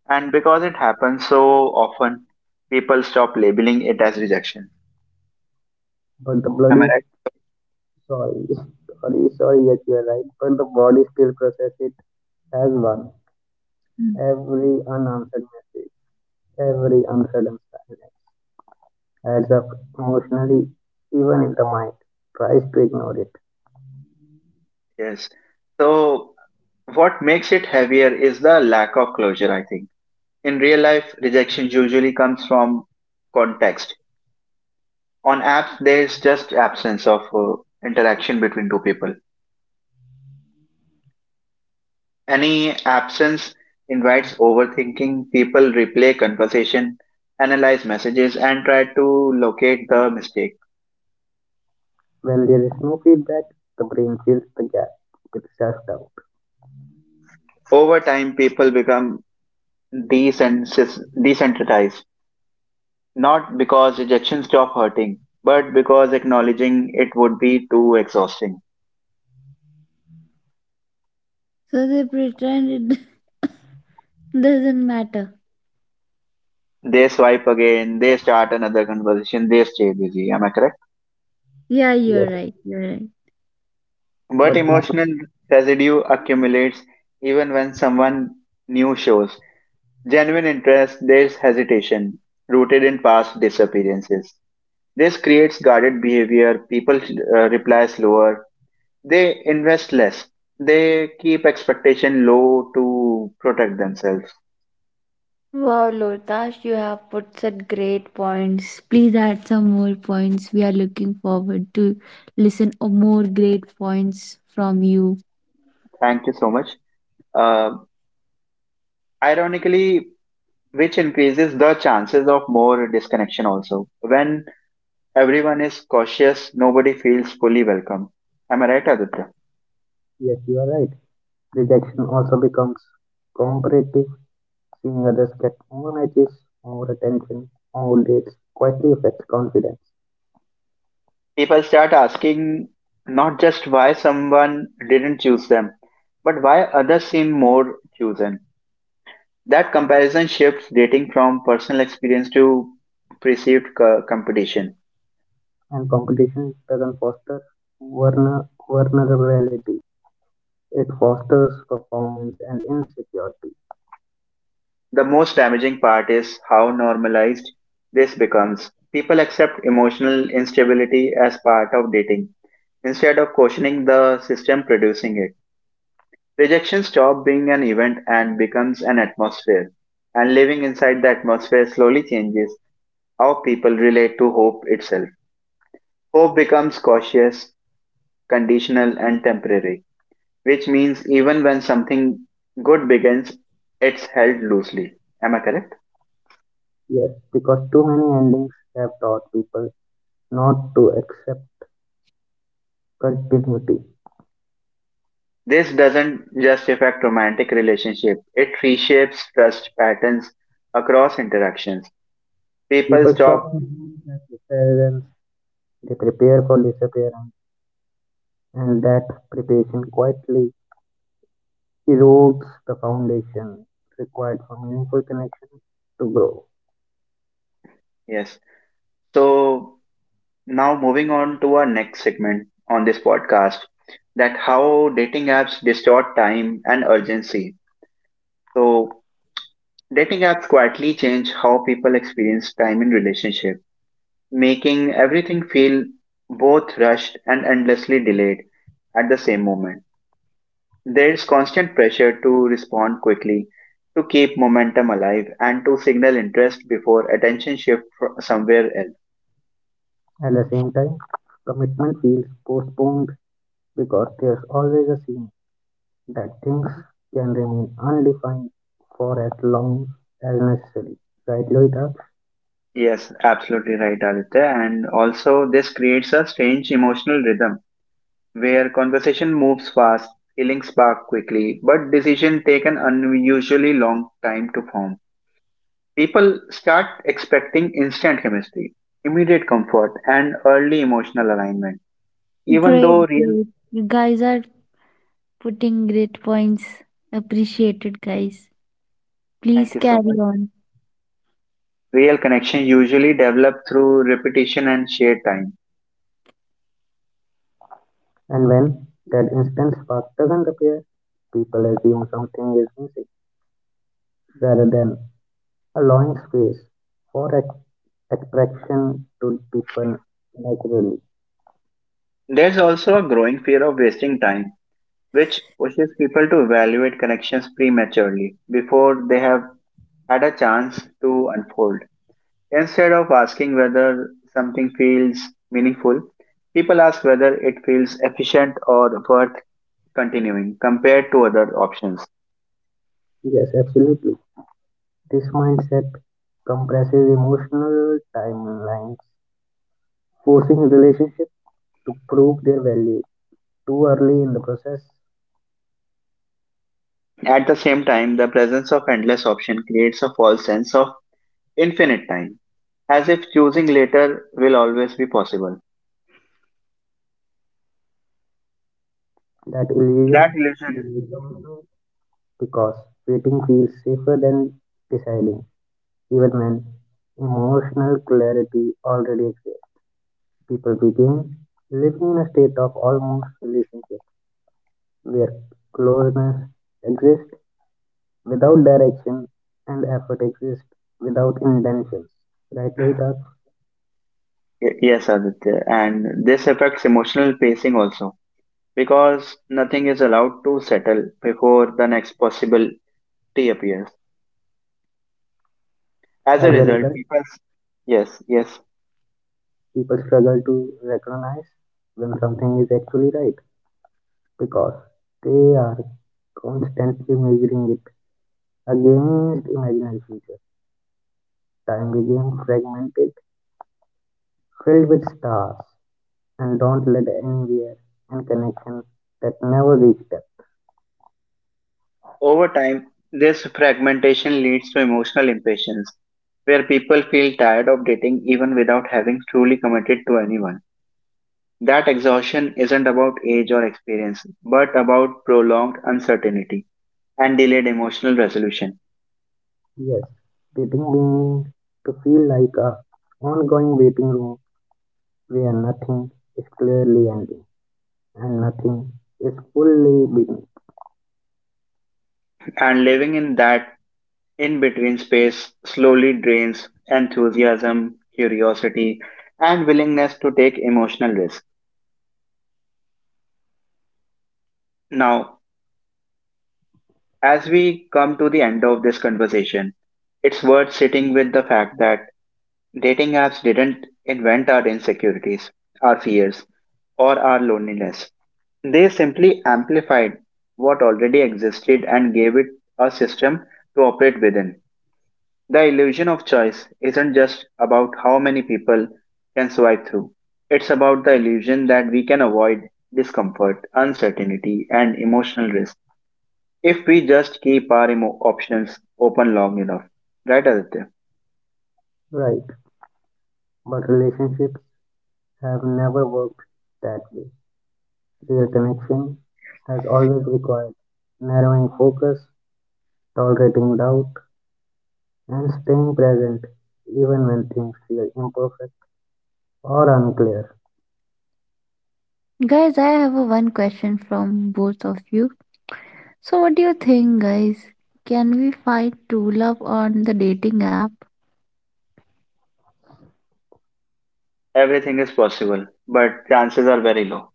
[SPEAKER 1] And because it happens so often, people stop labeling it as rejection.
[SPEAKER 3] But the
[SPEAKER 1] Am I
[SPEAKER 3] bloody
[SPEAKER 1] right?
[SPEAKER 3] sorry, [LAUGHS] sorry. Yes, you are right. But the body still process it as one.
[SPEAKER 2] Mm.
[SPEAKER 3] Every unanswered message, every unsaid silence adds up emotionally, even if the mind tries to ignore it.
[SPEAKER 1] Yes. So, what makes it heavier is the lack of closure, I think. In real life, rejection usually comes from context. On apps, there's just absence of interaction between two people. Any absence invites overthinking. People replay conversation, analyze messages, and try to locate the mistake.
[SPEAKER 3] When there is no feedback, the brain fills the gap with self doubt.
[SPEAKER 1] Over time, people become desensitized, not because rejection stop hurting, but because acknowledging it would be too exhausting.
[SPEAKER 2] So they pretend it [LAUGHS] doesn't matter.
[SPEAKER 1] They swipe again, they start another conversation, they stay busy. Am I correct?
[SPEAKER 2] Yeah,
[SPEAKER 3] Yes,
[SPEAKER 2] you're right. You're right.
[SPEAKER 1] But
[SPEAKER 3] but emo-
[SPEAKER 1] emotional residue accumulates even when someone new shows. Genuine interest, there's hesitation, rooted in past disappearances. This creates guarded behavior, people reply slower, they invest less, they keep expectation low to protect themselves.
[SPEAKER 2] Wow, Lotash, you have put such great points. Please add some more points. We are looking forward to listen or more great points from you.
[SPEAKER 1] Thank you so much. Uh, Ironically, which increases the chances of more disconnection also. When everyone is cautious, nobody feels fully welcome. Am I right, Aditya?
[SPEAKER 3] yes, you are right. Rejection also becomes comparative. Seeing others get more matches, more attention, more dates quietly affects confidence,
[SPEAKER 1] People start asking not just why someone didn't choose them, but why others seem more chosen. That comparison shifts dating from personal experience to perceived competition.
[SPEAKER 3] and competition doesn't foster vulnerability. It fosters performance and insecurity.
[SPEAKER 1] The most damaging part is how normalized this becomes. People accept emotional instability as part of dating. Instead of questioning the system producing it, rejection stops being an event and becomes an atmosphere. And living inside the atmosphere slowly changes how people relate to hope itself. Hope becomes cautious, conditional, and temporary, which means even when something good begins, it's held loosely. Am I correct?
[SPEAKER 3] Yes, because too many endings have taught people not to accept continuity.
[SPEAKER 1] This doesn't just affect romantic relationship, it reshapes trust patterns across interactions. People
[SPEAKER 3] People
[SPEAKER 1] stop,
[SPEAKER 3] stop believing that disappearance, they prepare for disappearance, and that preparation quietly erodes the foundation required for meaningful connections to grow.
[SPEAKER 1] yes. So now moving on to our next segment on this podcast that how dating apps distort time and urgency. So dating apps quietly change how people experience time in relationship, making everything feel both rushed and endlessly delayed at the same moment. There is constant pressure to respond quickly, to keep momentum alive and to signal interest before attention shifts somewhere else.
[SPEAKER 3] At the same time, commitment feels postponed because there's always a scene that things can remain undefined for as long as necessary, right, Loita?
[SPEAKER 1] Yes, absolutely right, Aditya. And also, this creates a strange emotional rhythm where conversation moves fast, feelings spark quickly, but decisions take an unusually long time to form. People start expecting instant chemistry, immediate comfort, and early emotional alignment. Even
[SPEAKER 2] Great,
[SPEAKER 1] though real,
[SPEAKER 2] great. You guys are putting great points. Appreciate it, guys.
[SPEAKER 1] thank
[SPEAKER 2] Please
[SPEAKER 1] you so much,
[SPEAKER 2] carry on.
[SPEAKER 1] real connection usually develop through repetition and shared time.
[SPEAKER 3] And when that instant spark doesn't appear, people assume something is missing rather than allowing space for expression to people naturally.
[SPEAKER 1] There's also a growing fear of wasting time which pushes people to evaluate connections prematurely before they have had a chance to unfold. Instead of asking whether something feels meaningful, people ask whether it feels efficient or worth continuing compared to other options.
[SPEAKER 3] Yes, absolutely. This mindset compresses emotional timelines, forcing relationships to prove their value too early in the process.
[SPEAKER 1] At the same time, the presence of endless option creates a false sense of infinite time, as if choosing later will always be possible.
[SPEAKER 3] That
[SPEAKER 1] That
[SPEAKER 3] illusion
[SPEAKER 1] illusion.
[SPEAKER 3] because waiting feels safer than deciding, even when emotional clarity already exists. People begin living in a state of almost relationship where closeness exists without direction and effort exists without intentions. Right, Lohita?
[SPEAKER 1] Yes, Aditya, and this affects emotional pacing also because nothing is allowed to settle before the next possibility appears. As
[SPEAKER 3] As
[SPEAKER 1] a
[SPEAKER 3] a
[SPEAKER 1] result,
[SPEAKER 3] result,
[SPEAKER 1] people. Yes, yes.
[SPEAKER 3] people struggle to recognize when something is actually right because they are constantly measuring it against imaginary future. Time became fragmented, filled with stars and don't led anywhere, and connections that never reached them.
[SPEAKER 1] Over time, this fragmentation leads to emotional impatience, where people feel tired of dating even without having truly committed to anyone. That exhaustion isn't about age or experience, but about prolonged uncertainty and delayed emotional resolution.
[SPEAKER 3] Yes, dating began to feel like a ongoing waiting room where nothing is clearly ending and nothing is fully beginning.
[SPEAKER 1] And living in that in between space slowly drains enthusiasm, curiosity, and willingness to take emotional risks. Now, as we come to the end of this conversation, it's worth sitting with the fact that dating apps didn't invent our insecurities, our fears, or our loneliness. They simply amplified what already existed and gave it a system to operate within. The illusion of choice isn't just about how many people can swipe through. It's about the illusion that we can avoid discomfort, uncertainty, and emotional risk if we just keep our options open long enough. Right, Aditya?
[SPEAKER 3] Right, but relationships have never worked that way. Their connection has always required narrowing focus, tolerating doubt, and staying present even when things feel imperfect or unclear.
[SPEAKER 2] Guys, I have a one question from both of you. So, what do you think, guys? Can we find true love on the dating app?
[SPEAKER 1] Everything is possible, but chances are very low.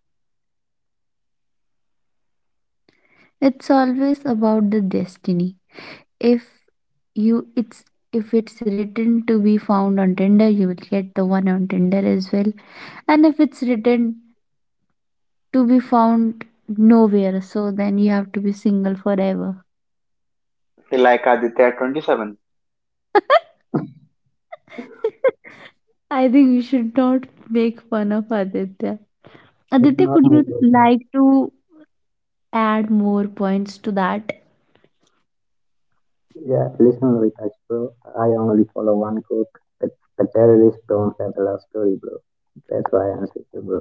[SPEAKER 2] It's always about the destiny. If you, it's if it's written to be found on Tinder, you will get the one on Tinder as well. And if it's written to be found nowhere, so then you have to be single forever.
[SPEAKER 1] Like Aditya at 27.
[SPEAKER 2] [LAUGHS] I think we should not make fun of Aditya.
[SPEAKER 3] It's
[SPEAKER 2] Aditya,
[SPEAKER 3] not
[SPEAKER 2] could
[SPEAKER 3] my
[SPEAKER 2] you
[SPEAKER 3] problem.
[SPEAKER 2] like to add more points to that?
[SPEAKER 3] Yeah, listen, Lohitaj, bro. I only follow one quote. The, the terrorists don't have a love story, bro. That's why I'm such a bro.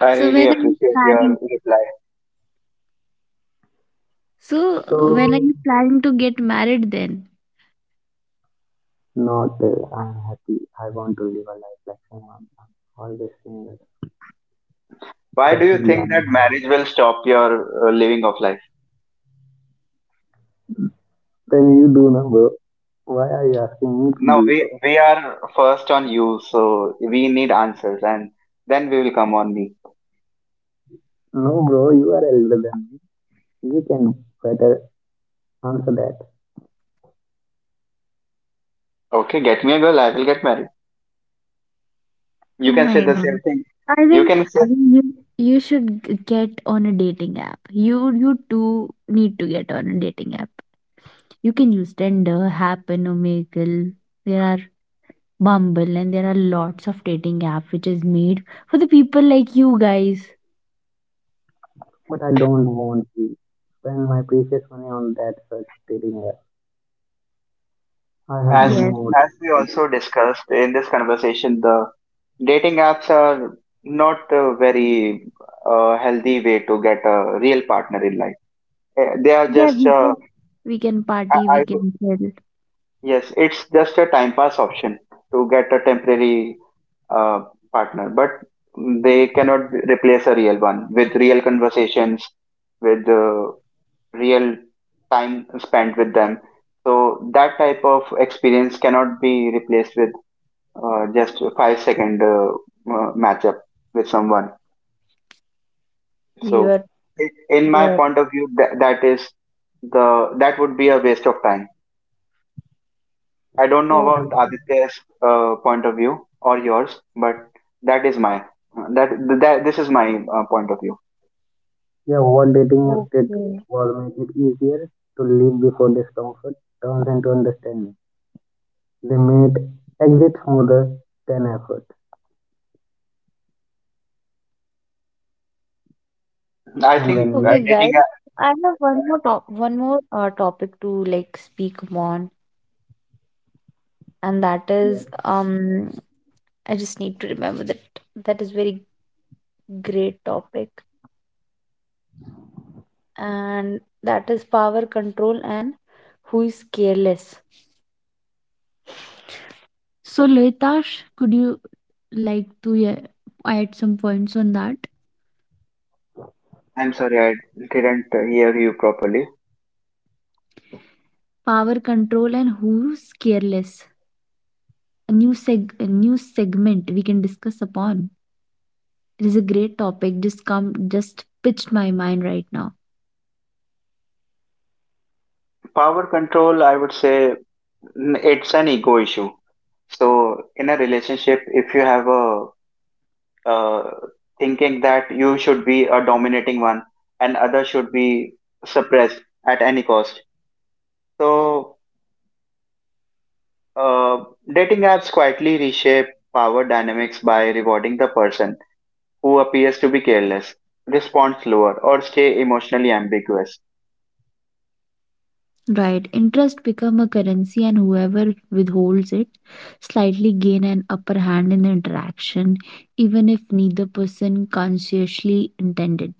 [SPEAKER 1] I
[SPEAKER 2] So
[SPEAKER 1] really
[SPEAKER 2] when are you
[SPEAKER 1] appreciate
[SPEAKER 2] planning
[SPEAKER 1] your reply.
[SPEAKER 2] So,
[SPEAKER 3] So,
[SPEAKER 2] when are you planning to get married then?
[SPEAKER 3] not that I'm happy. I want to live a life like someone. I'm always single.
[SPEAKER 1] Why do
[SPEAKER 3] Just
[SPEAKER 1] you think
[SPEAKER 3] enjoying.
[SPEAKER 1] that marriage will stop your living of life?
[SPEAKER 3] Then you do now, bro. Why are you asking me to
[SPEAKER 1] Now
[SPEAKER 3] do
[SPEAKER 1] we
[SPEAKER 3] so?
[SPEAKER 1] we are first on you, so we need answers, and then we will come on me.
[SPEAKER 3] No, bro, you are elder than me. You can better answer that.
[SPEAKER 1] Okay, get me a girl, I will get married.
[SPEAKER 2] Oh
[SPEAKER 1] You can say
[SPEAKER 2] my
[SPEAKER 1] the
[SPEAKER 2] god.
[SPEAKER 1] same thing.
[SPEAKER 2] I
[SPEAKER 1] You
[SPEAKER 2] think
[SPEAKER 1] can say
[SPEAKER 2] I think you should get on a dating app. You too need to get on a dating app. You can use Tinder, Happen, Omegle. There are Bumble and there are lots of dating app which is made for the people like you guys.
[SPEAKER 3] But I don't want to spend my precious money on that such dating app. I have
[SPEAKER 1] as
[SPEAKER 3] many
[SPEAKER 2] Yes.
[SPEAKER 3] more
[SPEAKER 1] as we
[SPEAKER 3] dating
[SPEAKER 1] also discussed in this conversation, the dating apps are not a very healthy way to get a real partner in life. They are
[SPEAKER 2] Yeah,
[SPEAKER 1] just
[SPEAKER 2] we can party, we
[SPEAKER 1] I
[SPEAKER 2] can chill.
[SPEAKER 1] yes, it's just a time pass option to get a temporary uh, partner, but they cannot replace a real one with real conversations, with real time spent with them. So that type of experience cannot be replaced with just a 5-second matchup with someone. So
[SPEAKER 2] You're
[SPEAKER 1] in my
[SPEAKER 2] you're
[SPEAKER 1] point of view, that, that is the that would be a waste of time. I don't know
[SPEAKER 3] apps.
[SPEAKER 1] about
[SPEAKER 3] And
[SPEAKER 2] okay,
[SPEAKER 1] Aditya's point of view or yours, but that is my that, that this is my point of view.
[SPEAKER 3] yeah, what dating app did
[SPEAKER 2] okay.
[SPEAKER 3] was make it easier to live before discomfort turns into understanding. They made exit smoother than effort.
[SPEAKER 1] I
[SPEAKER 3] And
[SPEAKER 1] think
[SPEAKER 3] when we
[SPEAKER 2] Okay, guys,
[SPEAKER 1] dating.
[SPEAKER 2] I have one more topic to like speak on, and that
[SPEAKER 3] yeah,
[SPEAKER 2] is um, I just need to remember that that is very great topic, and that is power control and who is careless. So, Loitash, could you like to yeah, add some points on that?
[SPEAKER 1] I'm sorry, I didn't hear you properly.
[SPEAKER 2] Power control and who's careless? A new segment we can discuss upon. It is a great topic. Just come, just pitched my mind right now.
[SPEAKER 1] Power control, I would say, it's an ego issue. So in a relationship, if you have a uh, thinking that you should be a dominating one and other should be suppressed at any cost, so uh, dating apps quietly reshape power dynamics by rewarding the person who appears to be careless, respond slower, or stay emotionally ambiguous.
[SPEAKER 2] Right, interest become a currency, and whoever withholds it slightly gain an upper hand in the interaction, even if neither person consciously intended.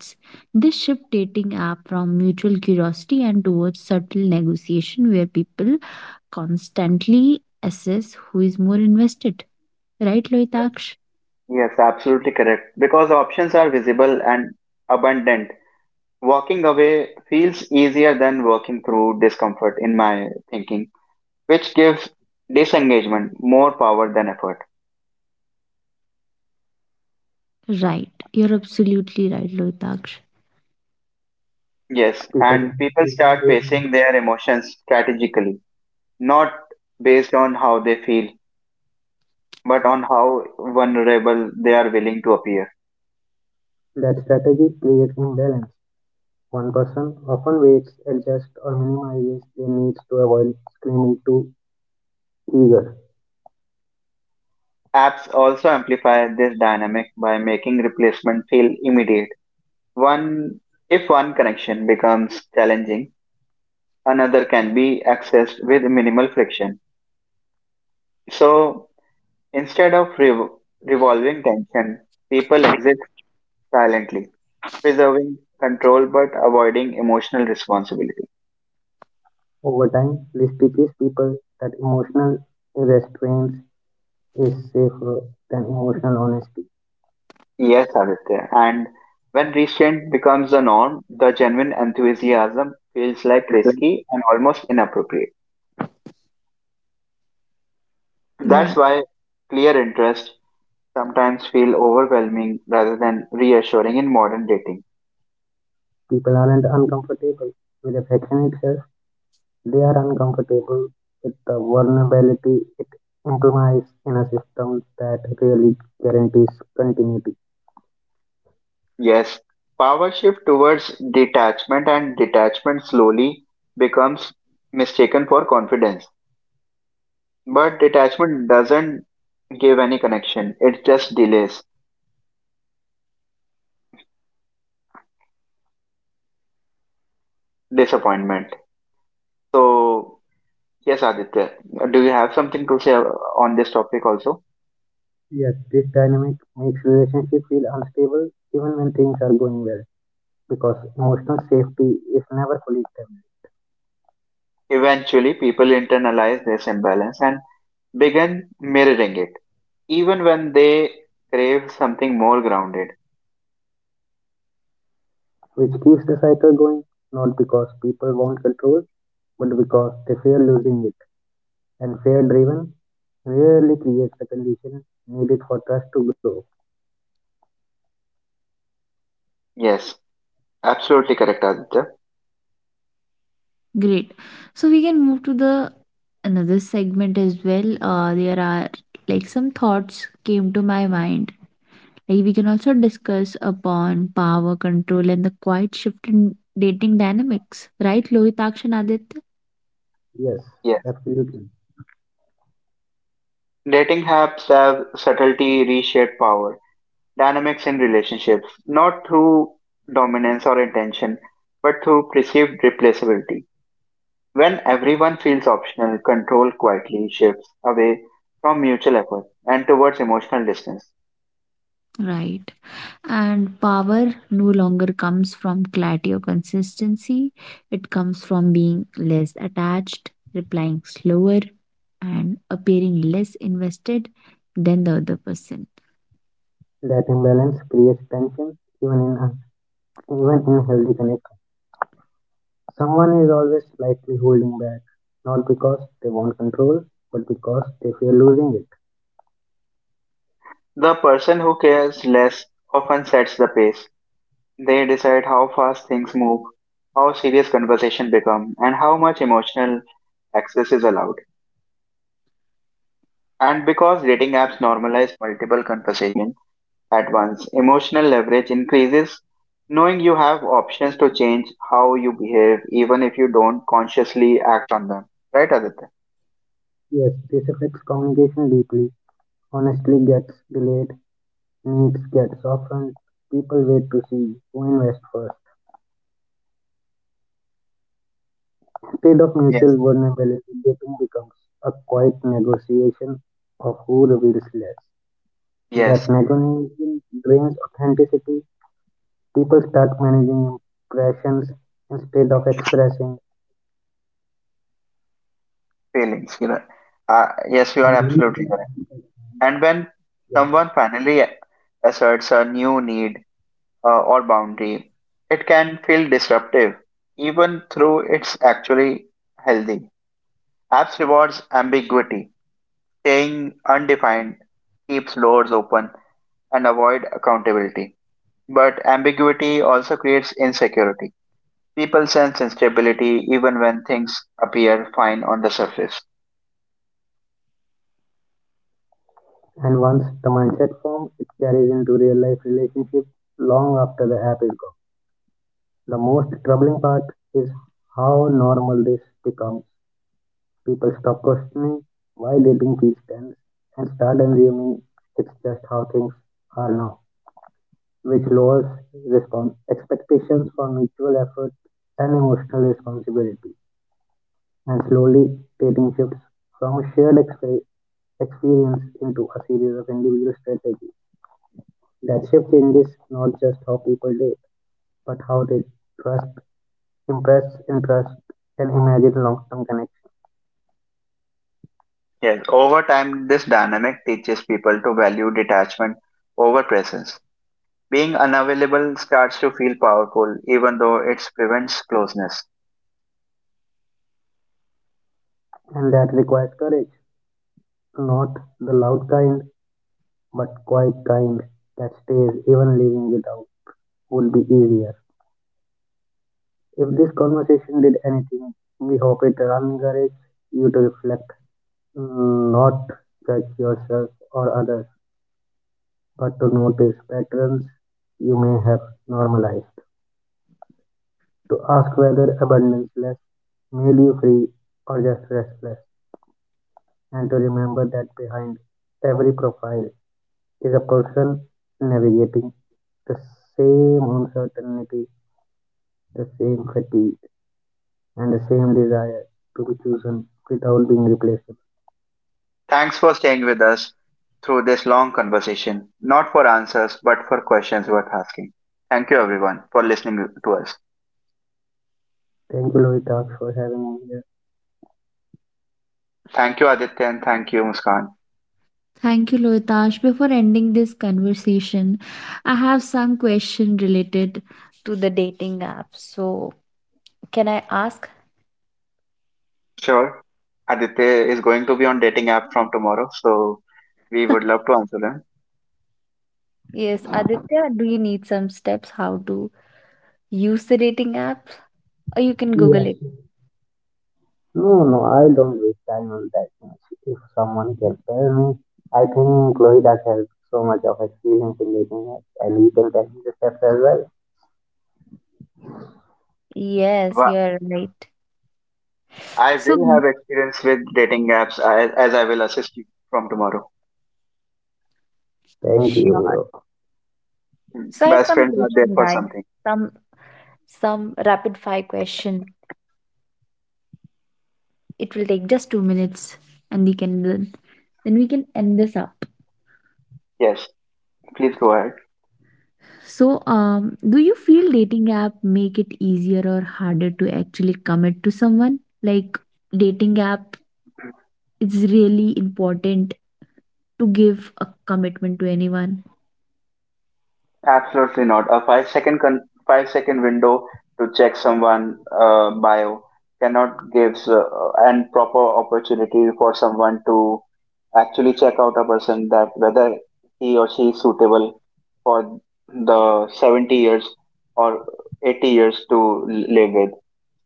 [SPEAKER 2] This shift dating app from mutual curiosity and towards subtle negotiation, where people constantly assess who is more invested. Right, Loitaksh?
[SPEAKER 1] Yes, absolutely correct. Because options are visible and abundant, walking away feels easier than working through discomfort, in my thinking, which gives disengagement more power than effort.
[SPEAKER 2] Right. You're absolutely right, Loitaksh.
[SPEAKER 1] Yes,
[SPEAKER 3] people
[SPEAKER 1] and people start
[SPEAKER 3] using
[SPEAKER 1] facing their emotions strategically, not based on how they feel, but on how vulnerable they are willing to appear.
[SPEAKER 3] that strategy creates imbalance. One person often waits, adjusts, or minimizes their needs to avoid screaming too eager.
[SPEAKER 1] Apps also amplify this dynamic by making replacement feel immediate. One, if one connection becomes challenging, another can be accessed with minimal friction. So instead of revolving tension, people exit silently, preserving control but avoiding emotional responsibility.
[SPEAKER 3] Over time, this teaches people that emotional restraint is safer than emotional honesty.
[SPEAKER 1] Yes, Aditya. And when restraint becomes the norm, the genuine enthusiasm feels like risky and almost inappropriate. That's
[SPEAKER 2] Right.
[SPEAKER 1] why clear interest sometimes feel overwhelming rather than reassuring in modern dating.
[SPEAKER 3] People aren't uncomfortable with affection itself, they are uncomfortable with the vulnerability it implies in a system that really guarantees continuity.
[SPEAKER 1] Yes, power shift towards detachment and detachment slowly becomes mistaken for confidence. But detachment doesn't give any connection. It just delays disappointment. So, yes, Aditya, do you have something to say on this topic also?
[SPEAKER 3] Yes, this dynamic makes relationships feel unstable even when things are going well because emotional safety is never fully established.
[SPEAKER 1] Eventually, people internalize this imbalance and begin mirroring it, even when they crave something more grounded.
[SPEAKER 3] Which keeps the cycle going not because people want control but because they fear losing it and fear driven rarely creates the condition needed for trust to grow.
[SPEAKER 1] Yes, absolutely correct, Aditya.
[SPEAKER 2] Great. So we can move to the another segment as well. There are like some thoughts came to my mind. Like we can also discuss upon power control and the quiet shift in dating dynamics, right, Lohitaksha and Aditya?
[SPEAKER 3] Yes,
[SPEAKER 1] Yes.
[SPEAKER 3] absolutely.
[SPEAKER 1] Dating apps have subtlety reshape power dynamics in relationships, not through dominance or intention, but through perceived replaceability. When everyone feels optional, control quietly shifts away from mutual effort and towards emotional distance.
[SPEAKER 2] Right. And power no longer comes from clarity or consistency. It comes from being less attached, replying slower, and appearing less invested than the other person.
[SPEAKER 3] That imbalance creates tension even in even in healthy connection. Someone is always slightly holding back, not because they want control, but because they fear losing it.
[SPEAKER 1] The person who cares less often sets the pace. They decide how fast things move, how serious conversation become, and how much emotional access is allowed. And because dating apps normalize multiple conversations, at once. Emotional leverage increases knowing you have options to change how you behave, even if you don't consciously act on them. Right, Aditya?
[SPEAKER 3] Yes, this affects communication deeply. Honestly gets delayed needs gets softened, people wait to see who invests first. Instead of
[SPEAKER 1] Yes.
[SPEAKER 3] mutual vulnerability, dating becomes a quiet negotiation of who reveals less. That
[SPEAKER 1] Yes,
[SPEAKER 3] negotiation drains authenticity. People start managing impressions instead of expressing.
[SPEAKER 1] feelings. Yes, you are
[SPEAKER 3] And
[SPEAKER 1] absolutely
[SPEAKER 3] once,
[SPEAKER 1] correct. And when someone finally asserts a new need or boundary, it can feel disruptive, even though it's actually healthy. Apps rewards ambiguity, staying undefined keeps doors open and avoid accountability. But ambiguity also creates insecurity. People sense instability even when things appear fine on the surface.
[SPEAKER 3] and once the mindset forms, it carries into real life relationships long after the app is gone. The most troubling part is how normal this becomes. People stop questioning why they think these trends and start assuming it's just how things are now, which lowers respon expectations for mutual effort and emotional responsibility, and slowly dating shifts from a shared experience into a series of individual strategies. That shift changes not just how people date, but how they trust, impress, interest, and imagine long-term connection.
[SPEAKER 1] Yes, over time, this dynamic teaches people to value detachment over presence. Being unavailable starts to feel powerful, even though it prevents closeness.
[SPEAKER 3] And that requires courage, not the loud kind, but quite kind, that stays even living without would be easier. If this conversation did anything, we hope it encourages you to reflect, mm, not judge yourself or others, but to notice patterns you may have normalized, to ask whether abundance less made you free or just restless, and to remember that behind every profile is a person navigating the same uncertainty the same fatigue, and the same desire to be chosen without being replaced.
[SPEAKER 1] Thanks for staying with us through this long conversation, not for answers, but for questions worth asking. Thank you, everyone, for listening to us.
[SPEAKER 3] Thank you, Lohitak, for having me here.
[SPEAKER 1] Thank you, Aditya, and thank you, Muskan.
[SPEAKER 2] Thank you, Loitash. Before ending this conversation, I have some question related to the dating app. So, can I ask?
[SPEAKER 1] Sure. Aditya is going to be on dating app from tomorrow, so we would love
[SPEAKER 2] [LAUGHS]
[SPEAKER 1] to answer them.
[SPEAKER 2] Yes, Aditya, do you need some steps how to use the dating app? Or you can Google
[SPEAKER 3] Yes.
[SPEAKER 2] it.
[SPEAKER 3] No, no, I don't waste time on that much. If someone can tell me, I think Lohitak has so much of experience in dating apps, and he can tell me the steps as well.
[SPEAKER 2] Yes,
[SPEAKER 1] Wha-
[SPEAKER 2] you're right.
[SPEAKER 1] I
[SPEAKER 2] So,
[SPEAKER 1] will
[SPEAKER 2] Mm.
[SPEAKER 1] have experience with dating apps as, I will assist you from tomorrow.
[SPEAKER 3] Thank you,
[SPEAKER 2] Sure.
[SPEAKER 3] bro.
[SPEAKER 1] Hmm.
[SPEAKER 2] So, I have
[SPEAKER 1] Best
[SPEAKER 2] some
[SPEAKER 1] friends are there
[SPEAKER 2] question,
[SPEAKER 1] for
[SPEAKER 2] guys.
[SPEAKER 1] something.
[SPEAKER 2] Some some rapid fire question. It will take just 2 minutes, and we can then we can end this up.
[SPEAKER 1] Yes, please go ahead.
[SPEAKER 2] So, do you feel dating app make it easier or harder to actually commit to someone? Like dating app, it's really important to give a commitment to anyone.
[SPEAKER 1] Absolutely not. A 5-second window to check someone bio cannot gives an proper opportunity for someone to actually check out a person that whether he or she is suitable for the 70 years or 80 years to live with.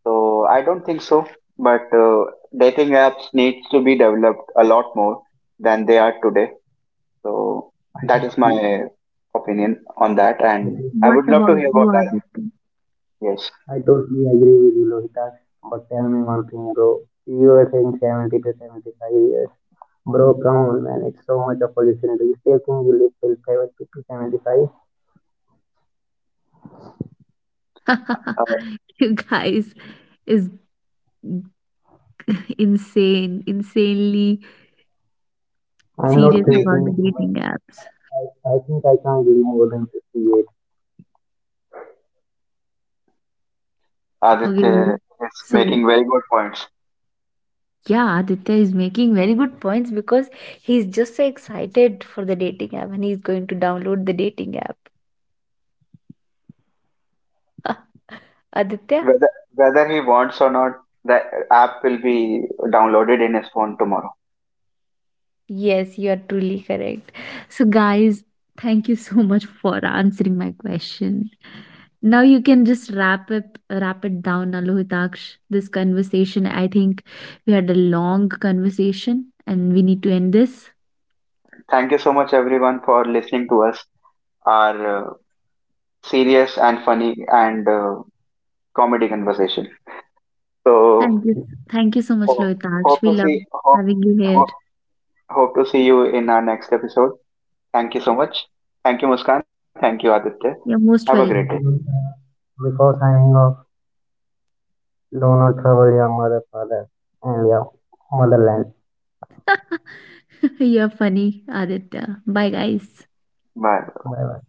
[SPEAKER 1] So I don't think so. But dating apps needs to be developed a lot more than they are today. So
[SPEAKER 3] I
[SPEAKER 1] that is
[SPEAKER 3] totally,
[SPEAKER 1] my opinion on that,
[SPEAKER 3] I
[SPEAKER 1] and
[SPEAKER 3] think,
[SPEAKER 1] I
[SPEAKER 2] What
[SPEAKER 1] would love
[SPEAKER 2] about
[SPEAKER 1] to hear
[SPEAKER 2] you,
[SPEAKER 1] about that.
[SPEAKER 2] Aditya?
[SPEAKER 1] Yes,
[SPEAKER 3] I totally agree with you, Lohitak. But tell me one thing, bro. You were saying 70 to 75 years. Bro, come on, man. It's so much of opportunity. If you still think you live till 70 to 75,
[SPEAKER 1] uh,
[SPEAKER 2] [LAUGHS] you guys is insane, insanely
[SPEAKER 3] I'm not
[SPEAKER 2] serious
[SPEAKER 1] yes,
[SPEAKER 2] about the
[SPEAKER 3] thinking, but
[SPEAKER 2] dating apps.
[SPEAKER 3] I think I can't live more than 58.
[SPEAKER 2] Okay, guys.
[SPEAKER 1] Aditya is
[SPEAKER 2] So
[SPEAKER 1] making very good points.
[SPEAKER 2] yeah, Aditya is making very good points because he's just so excited for the dating app and he's going to download the dating app. [LAUGHS] Aditya,
[SPEAKER 1] Whether whether he wants or not, the app will be downloaded in his phone tomorrow.
[SPEAKER 2] yes, you are truly correct. So, guys, thank you so much for answering my question. Now you can just wrap it down, Alohitaksh. This conversation, I think we had a long conversation, and we need to end this.
[SPEAKER 1] Thank you so much, everyone, for listening to us. Our serious and funny and comedy conversation. So
[SPEAKER 2] Thank you, thank you so much,
[SPEAKER 1] ho- hope
[SPEAKER 2] Lohitaksh. We
[SPEAKER 1] to
[SPEAKER 2] love
[SPEAKER 1] see hope
[SPEAKER 2] having you here.
[SPEAKER 1] hope hope to see you in our next episode. Thank you so much. Thank you, Muskan. Thank you, Aditya.
[SPEAKER 2] You're
[SPEAKER 1] Have a
[SPEAKER 2] most
[SPEAKER 1] great day.
[SPEAKER 2] welcome.
[SPEAKER 3] Maybe because I'm of do not trouble your mother, father, and your motherland.
[SPEAKER 2] [LAUGHS] You're funny, Aditya. Bye, guys.
[SPEAKER 1] Bye.
[SPEAKER 3] Bye bye.